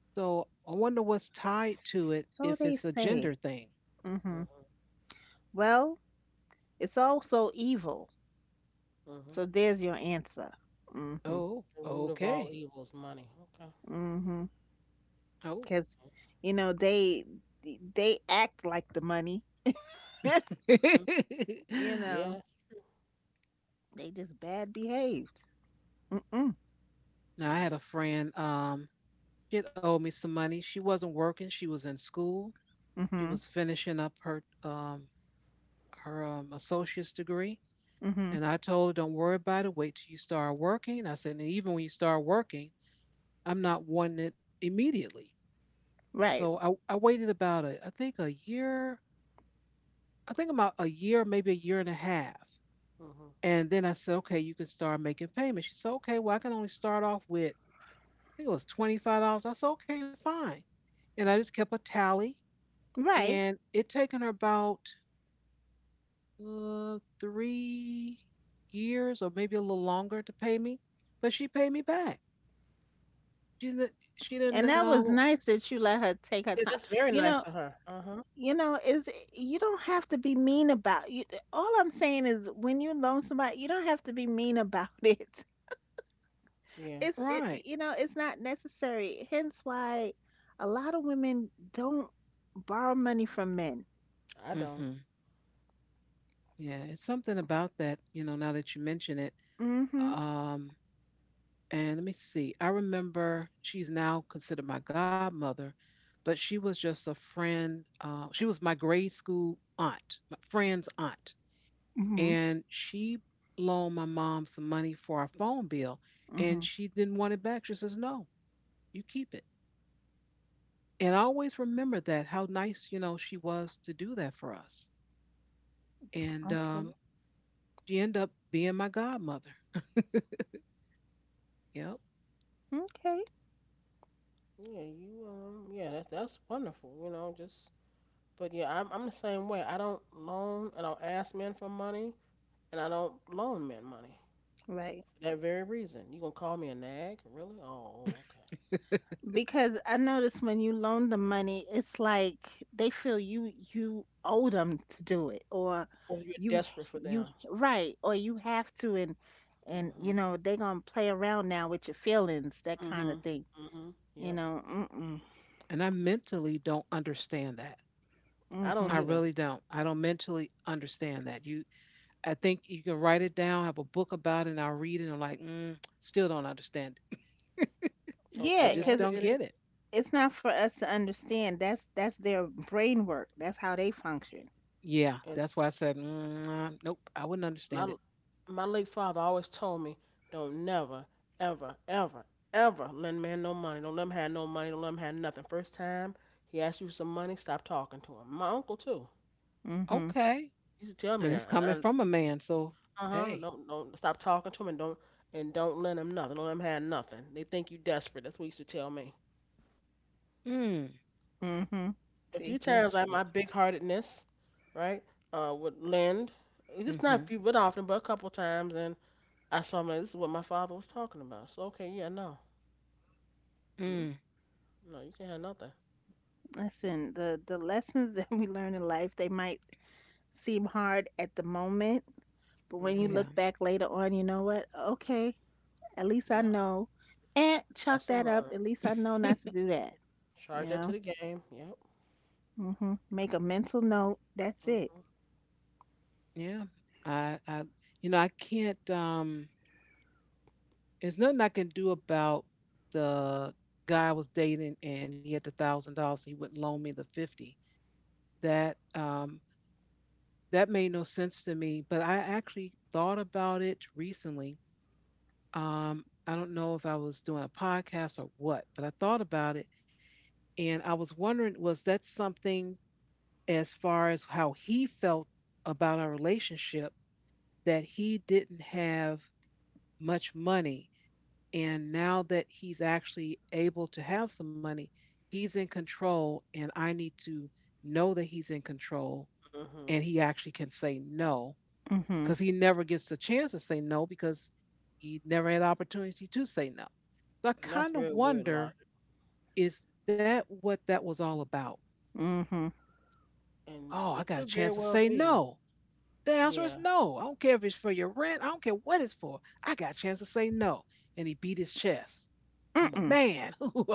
Speaker 1: so I wonder what's tied to it if
Speaker 2: So
Speaker 1: it's
Speaker 2: they
Speaker 1: a gender
Speaker 2: say.
Speaker 1: thing.
Speaker 2: Hmm
Speaker 3: Mhm.
Speaker 2: Well, it's also evil.
Speaker 3: Mhm.
Speaker 2: So there's your answer. Mm-hmm.
Speaker 1: Oh,
Speaker 3: The root of all
Speaker 1: okay.
Speaker 3: evil is money. Okay.
Speaker 2: Mm-hmm.
Speaker 1: Oh.
Speaker 2: Because, you know, they act like the money.
Speaker 3: Mhm.
Speaker 1: Now
Speaker 2: You know,
Speaker 3: Yes.
Speaker 2: they just bad behaved. Mm-mm.
Speaker 1: I had a
Speaker 3: Yes.
Speaker 1: friend, she had owed me some money. She wasn't working, she was in school. She
Speaker 2: Mm-hmm.
Speaker 1: was finishing up her associate's degree.
Speaker 2: Mm-hmm.
Speaker 1: And I told her, don't worry about it, wait till you start working. I said, and even when you start working, I'm not wanting it immediately. So
Speaker 2: Right.
Speaker 1: I waited about a, I think a year, I think about a year, maybe a year and a half.
Speaker 3: Mhm.
Speaker 1: And then I said, okay, you can start making payments. She said, okay, well, I can only start off with, I think it was $25. I said, okay, fine. And I just kept a tally.
Speaker 2: Right.
Speaker 1: And it taken her about, 3 years or maybe a little longer to pay me, but she paid me back. She didn't,
Speaker 2: And that was nice that you let her
Speaker 3: Yeah,
Speaker 2: take
Speaker 3: that's
Speaker 2: her time.
Speaker 3: very nice of
Speaker 2: You
Speaker 3: her.
Speaker 2: know,
Speaker 3: Uh huh.
Speaker 2: you know, is you don't have to be mean about you. All I'm saying is when you loan somebody, you don't have to be mean about it.
Speaker 3: Yeah.
Speaker 1: right.
Speaker 2: You know, it's not necessary. Hence why a lot of women don't borrow money from men.
Speaker 3: I don't.
Speaker 1: Hmm. Yeah, it's something about that, you know, now that you mention it.
Speaker 2: Mhm.
Speaker 1: Um, And let me see. I remember she's now considered my godmother, but she was just a friend. She was my grade school aunt, my friend's aunt.
Speaker 2: Mhm.
Speaker 1: And she loaned my mom some money for our phone bill, and
Speaker 2: Mhm.
Speaker 1: she didn't want it back. She says, no, you keep it. And I always remember that, how nice, she was to do that for us. And
Speaker 2: Okay.
Speaker 3: Mm.
Speaker 1: um, she ended up being my godmother. Yep.
Speaker 2: Okay.
Speaker 3: Yeah. You. Yeah. That's wonderful. You know. Just. But yeah, I'm the same way. I don't loan. I don't ask men for money, and I don't loan men money
Speaker 2: Right.
Speaker 3: for that very reason. You gonna call me a nag? Really? Oh. Okay.
Speaker 2: Because I noticed when you loan the money, it's like they feel you owe them to do it, or
Speaker 3: Or you're
Speaker 2: you
Speaker 3: desperate for them.
Speaker 2: you right, or you have to, and you
Speaker 3: Mhm.
Speaker 2: know they gonna play around now with your feelings, that kind of
Speaker 3: Mhm.
Speaker 2: thing.
Speaker 3: Mhm.
Speaker 2: You
Speaker 3: Yep.
Speaker 2: know, mm-mm,
Speaker 1: And I mentally don't understand that.
Speaker 3: I
Speaker 2: mm-hmm.
Speaker 1: I
Speaker 3: don't either.
Speaker 1: really don't. I don't mentally understand that. I think you can write it down, have a book about it, and I'll read it. And I'm like, mm, still don't understand it. I
Speaker 2: Yeah,
Speaker 3: Okay.
Speaker 1: just
Speaker 2: 'cause
Speaker 3: I
Speaker 1: don't
Speaker 3: get
Speaker 1: get it.
Speaker 2: it's not for us to understand. That's their brain work. That's how they function.
Speaker 1: Yeah,
Speaker 3: it.
Speaker 1: that's why I said, nope, I wouldn't understand
Speaker 3: My
Speaker 1: it.
Speaker 3: my late father always told me, don't never, ever, ever, ever lend a man no money. Don't let him have no money. Don't let him have nothing. First time he asks you for some money, stop talking to him. My uncle too.
Speaker 2: Mm-hmm,
Speaker 1: Okay,
Speaker 3: He used to tell me
Speaker 1: and it's
Speaker 3: that.
Speaker 1: coming
Speaker 3: And
Speaker 1: from a man, so
Speaker 3: uh huh.
Speaker 1: hey,
Speaker 3: Don't stop talking to him and don't lend him nothing. Don't let him have nothing. They think you desperate. That's what he used to tell me.
Speaker 1: mm,
Speaker 2: mm-hmm.
Speaker 3: A few
Speaker 2: See,
Speaker 3: times I
Speaker 1: desperate.
Speaker 3: my big heartedness, right, would lend. Just not a
Speaker 1: Mm-hmm.
Speaker 3: few, but often, but a couple times, and I saw him. Like, this is what my father was talking about. So okay, yeah, no. Hmm?
Speaker 1: Mm,
Speaker 3: No, you can't have nothing.
Speaker 2: listen, the lessons that we learn in life, they might seem hard at the moment. But when you
Speaker 3: Mhm.
Speaker 1: yeah,
Speaker 2: look back later on, you know what? Okay, at least I
Speaker 3: Yeah.
Speaker 2: know. And chalk
Speaker 3: Lesson
Speaker 2: that up.
Speaker 3: learned.
Speaker 2: At least I know not to do that. You
Speaker 3: Charge that to
Speaker 2: know?
Speaker 3: the game. Yep.
Speaker 2: Hmm Make a mental note. That's it.
Speaker 3: Mhm.
Speaker 1: yeah. I, you know, I can't. There's nothing I can do about the guy I was dating and he had the $1,000. He wouldn't loan me the 50. That um, that made no sense to me. But I actually thought about it recently. I don't know if I was doing a podcast or what, but I thought about it and I was wondering was that something as far as how he felt about our relationship that he didn't have much money. And now that he's actually able to have some money, he's in control. And I need to know that he's in control
Speaker 3: Mhm.
Speaker 1: and he actually can say no
Speaker 2: Mm-hmm.
Speaker 1: because he never gets the chance to say no because he never had the opportunity to say no. So I
Speaker 3: That's
Speaker 1: kind of
Speaker 3: very weird
Speaker 1: wonder
Speaker 3: logic,
Speaker 1: is that what that was all about?
Speaker 2: Mm-hmm.
Speaker 3: and
Speaker 1: Oh, I
Speaker 3: it
Speaker 1: got a
Speaker 3: could
Speaker 1: chance
Speaker 3: very
Speaker 1: to
Speaker 3: well
Speaker 1: say
Speaker 3: be.
Speaker 1: no. The answer is
Speaker 3: Yeah.
Speaker 1: no. I don't care if it's for your rent. I don't care what it's for. I got a chance to say no. And he beat his chest. I'm a
Speaker 2: Mm-mm.
Speaker 1: man.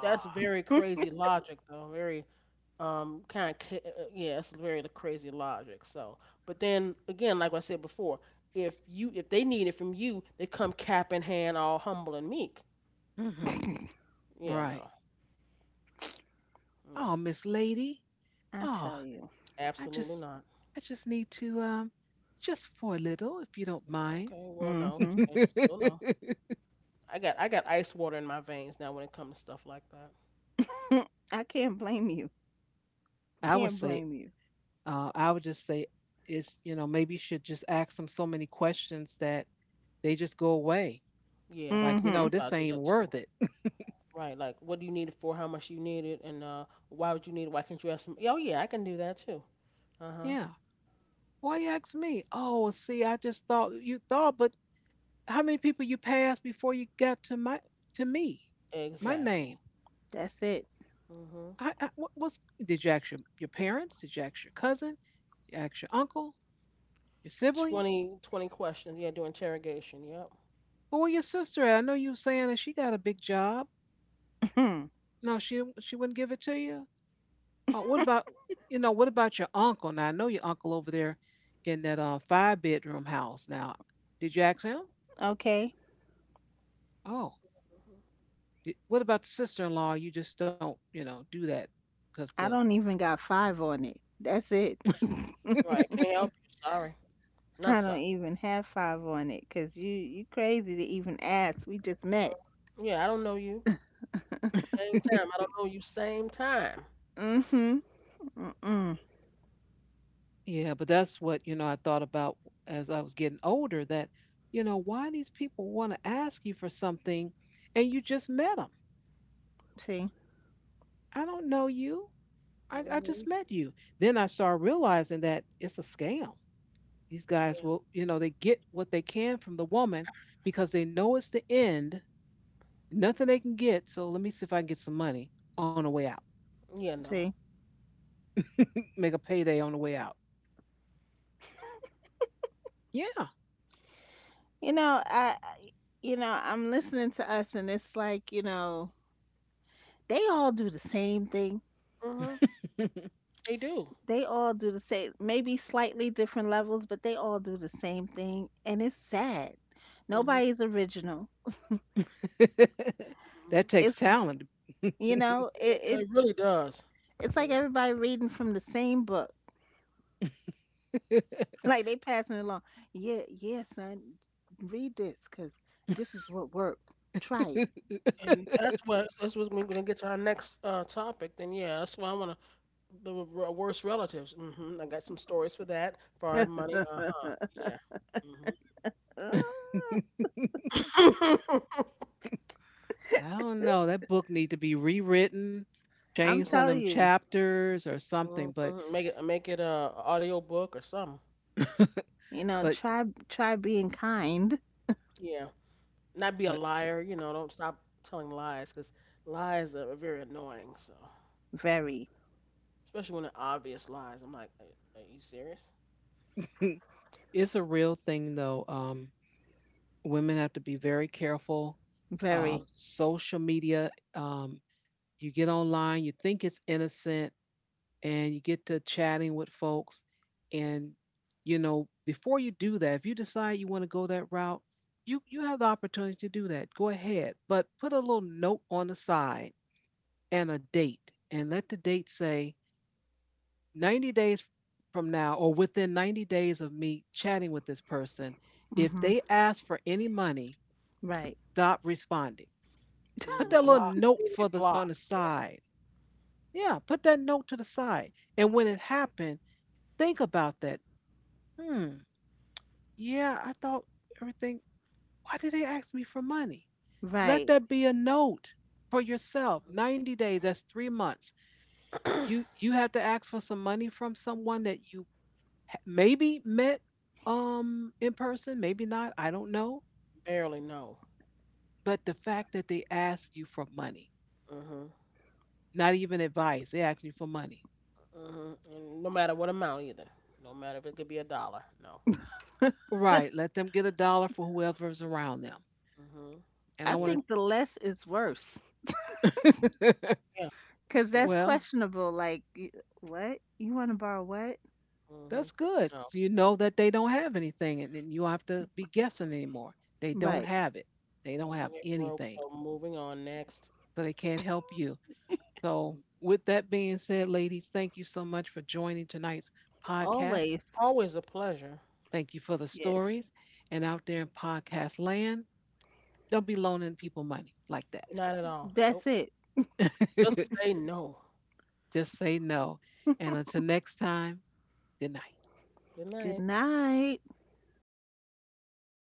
Speaker 3: That's very crazy logic, though. Very yeah, it's very the crazy logic. So, but then again, like I said before, if they need it from you, they come cap in hand, all humble and meek.
Speaker 1: Mm-hmm.
Speaker 2: Mm-mm.
Speaker 3: Yeah.
Speaker 1: Right.
Speaker 3: No.
Speaker 1: Oh,
Speaker 3: No.
Speaker 1: Miss Lady.
Speaker 2: I
Speaker 1: Oh,
Speaker 2: tell you.
Speaker 1: I
Speaker 3: Absolutely
Speaker 1: just
Speaker 3: not.
Speaker 1: I just need to, just for a little, if you don't mind.
Speaker 3: Okay. Well, no.
Speaker 2: Mm-hmm.
Speaker 3: Interesting. Still no. I got ice water in my veins now when it comes to stuff like that.
Speaker 2: I can't blame you.
Speaker 1: I would
Speaker 2: Can't
Speaker 1: say,
Speaker 2: blame you.
Speaker 1: I would just say, is you know maybe you should just ask them so many questions that they just go away.
Speaker 3: Yeah,
Speaker 1: Like you
Speaker 2: Mm-hmm.
Speaker 3: that's
Speaker 1: know
Speaker 3: what I
Speaker 1: this
Speaker 3: do
Speaker 1: ain't
Speaker 3: that
Speaker 1: even
Speaker 3: too.
Speaker 1: worth it.
Speaker 3: Right, like what do you need it for? How much you need it, and why would you need it? Why can't you have some? Oh yeah, I can do that too. Uh huh.
Speaker 1: Yeah. Why you ask me? Oh, see, I just thought you thought, but how many people you passed before you got to my to me, my
Speaker 3: Exactly.
Speaker 1: name?
Speaker 2: That's it.
Speaker 3: Mhm.
Speaker 1: I what was? Did you ask your parents? Did you ask your cousin? Did you ask your uncle? Your siblings?
Speaker 3: Twenty twenty questions. Yeah, do interrogation. Yep.
Speaker 1: Or where your sister at? I know you were saying that she got a big job.
Speaker 2: Hmm.
Speaker 1: No, she wouldn't give it to you. Oh, what about, you know? What about your uncle? Now I know your uncle over there in that, five-bedroom house. Now, did you ask him?
Speaker 2: Okay.
Speaker 1: Oh,
Speaker 3: hmm
Speaker 1: What about the sister-in-law? You just don't, do that because the
Speaker 2: I don't even got five on it. That's it.
Speaker 3: Right. Can't help you. Sorry. Not
Speaker 2: I don't
Speaker 3: sorry.
Speaker 2: even have five on it because you crazy to even ask. We just met.
Speaker 3: Yeah, I don't know you. Same time. I don't know you. Same time.
Speaker 2: Mhm. Mm-mm.
Speaker 1: yeah. But that's what you know. I thought about as I was getting older that you know why these people want to ask you for something, and you just met them.
Speaker 2: See,
Speaker 1: I don't know you. I just
Speaker 3: Mhm.
Speaker 1: met you. Then I started realizing that it's a scam. These guys
Speaker 3: Yeah.
Speaker 1: will, you know, they get what they can from the woman because they know it's the end. Nothing they can get. So let me see if I can get some money on the way out.
Speaker 3: Yeah. No.
Speaker 2: see.
Speaker 1: Make a payday on the way out. Yeah.
Speaker 2: You know, you know, I'm listening to us, and it's like, you know, they all do the same thing.
Speaker 3: Mhm. They do.
Speaker 2: They all do the same, maybe slightly different levels, but they all do the same thing, and it's sad.
Speaker 3: Mhm.
Speaker 2: Nobody's original.
Speaker 1: That takes
Speaker 2: It's,
Speaker 1: talent. I
Speaker 2: you know,
Speaker 3: Yeah,
Speaker 2: it, it,
Speaker 3: it really does.
Speaker 2: it's like
Speaker 3: Really.
Speaker 2: everybody reading from the same book. Like they passing it along. Yeah, yeah, son, read this, cause this is what worked. Try
Speaker 3: And that's what we're gonna get to our next topic. Then yeah, that's why I wanna the worst relatives. Hmm I got some stories for that. Borrowed money. Uh huh. Yeah.
Speaker 2: it.
Speaker 3: hmm
Speaker 1: don't know. That book need to be rewritten, change
Speaker 2: I'm
Speaker 1: some of them
Speaker 2: telling you,
Speaker 1: chapters or something.
Speaker 3: Mhm. Make it a audio book or something.
Speaker 2: you know,
Speaker 1: But,
Speaker 2: try try being kind.
Speaker 3: Yeah. Not be a
Speaker 1: but
Speaker 3: liar, you know, don't stop telling lies cuz lies are very annoying, so
Speaker 2: Very,
Speaker 3: especially when they're obvious lies. I'm like, are you serious?
Speaker 1: it's a real thing though. Women have to be very careful.
Speaker 3: Mm-hmm.
Speaker 2: very.
Speaker 1: Social media. You get online, you think it's innocent, and you get to chatting with folks. And you know, before you do that, if you decide you want to go that route, you have the opportunity to do that. Go ahead, but put a little note on the side and a date, and let the date say 90 days from now or within 90 days of me chatting with this person. If
Speaker 2: Hmm
Speaker 1: they ask for any money,
Speaker 2: Right.
Speaker 1: stop responding. Put
Speaker 3: Mm,
Speaker 1: that little
Speaker 3: block,
Speaker 1: note for
Speaker 3: immediate
Speaker 1: the
Speaker 3: block.
Speaker 1: on the
Speaker 3: Yep.
Speaker 1: side. Yeah, put that note to the side. And when it happened, think about that. Hmm. Yeah, I thought everything. Why did they ask me for money? Let
Speaker 2: Right.
Speaker 1: that be a note for yourself.
Speaker 3: Mm-hmm.
Speaker 1: 90 days, that's 3 months. You have to ask for some money from someone that you maybe met, in person, maybe not, I don't know,
Speaker 3: Barely, no.
Speaker 1: but the fact that they ask you for money,
Speaker 3: Mhm.
Speaker 1: not even advice, they ask you for money.
Speaker 3: Mhm. And no matter what amount either. No matter if it could be a dollar. No.
Speaker 1: Right, let them get a dollar for whoever's around them.
Speaker 3: Mhm.
Speaker 1: And
Speaker 2: I
Speaker 1: I want
Speaker 3: Yeah.
Speaker 2: think the less is worse
Speaker 1: to
Speaker 3: Yeah.
Speaker 2: because
Speaker 3: Yeah.
Speaker 2: that's
Speaker 1: well,
Speaker 2: questionable. Like, y- what? You want to borrow what?
Speaker 3: Mhm.
Speaker 1: that's good
Speaker 3: No.
Speaker 1: 'cause you know that they don't have anything, and then you don't have to be guessing anymore. They
Speaker 3: Mhm.
Speaker 1: don't
Speaker 2: Right.
Speaker 1: have it. They don't
Speaker 3: Mhm.
Speaker 1: have
Speaker 3: It broke.
Speaker 1: anything,
Speaker 3: So moving on. Next.
Speaker 1: so they can't help you. So,
Speaker 3: Mhm.
Speaker 1: with that being said, ladies, thank you so much for joining tonight's podcast.
Speaker 2: Always.
Speaker 3: Always a pleasure.
Speaker 1: Thank you for the
Speaker 2: Yes.
Speaker 1: stories. And out there in podcast land, don't be loaning people money like that.
Speaker 3: Not at all.
Speaker 2: That's
Speaker 3: Nope.
Speaker 2: it.
Speaker 3: Just say no.
Speaker 1: Just say no. And until next time, good night.
Speaker 3: Good
Speaker 2: Good
Speaker 3: night.
Speaker 2: night.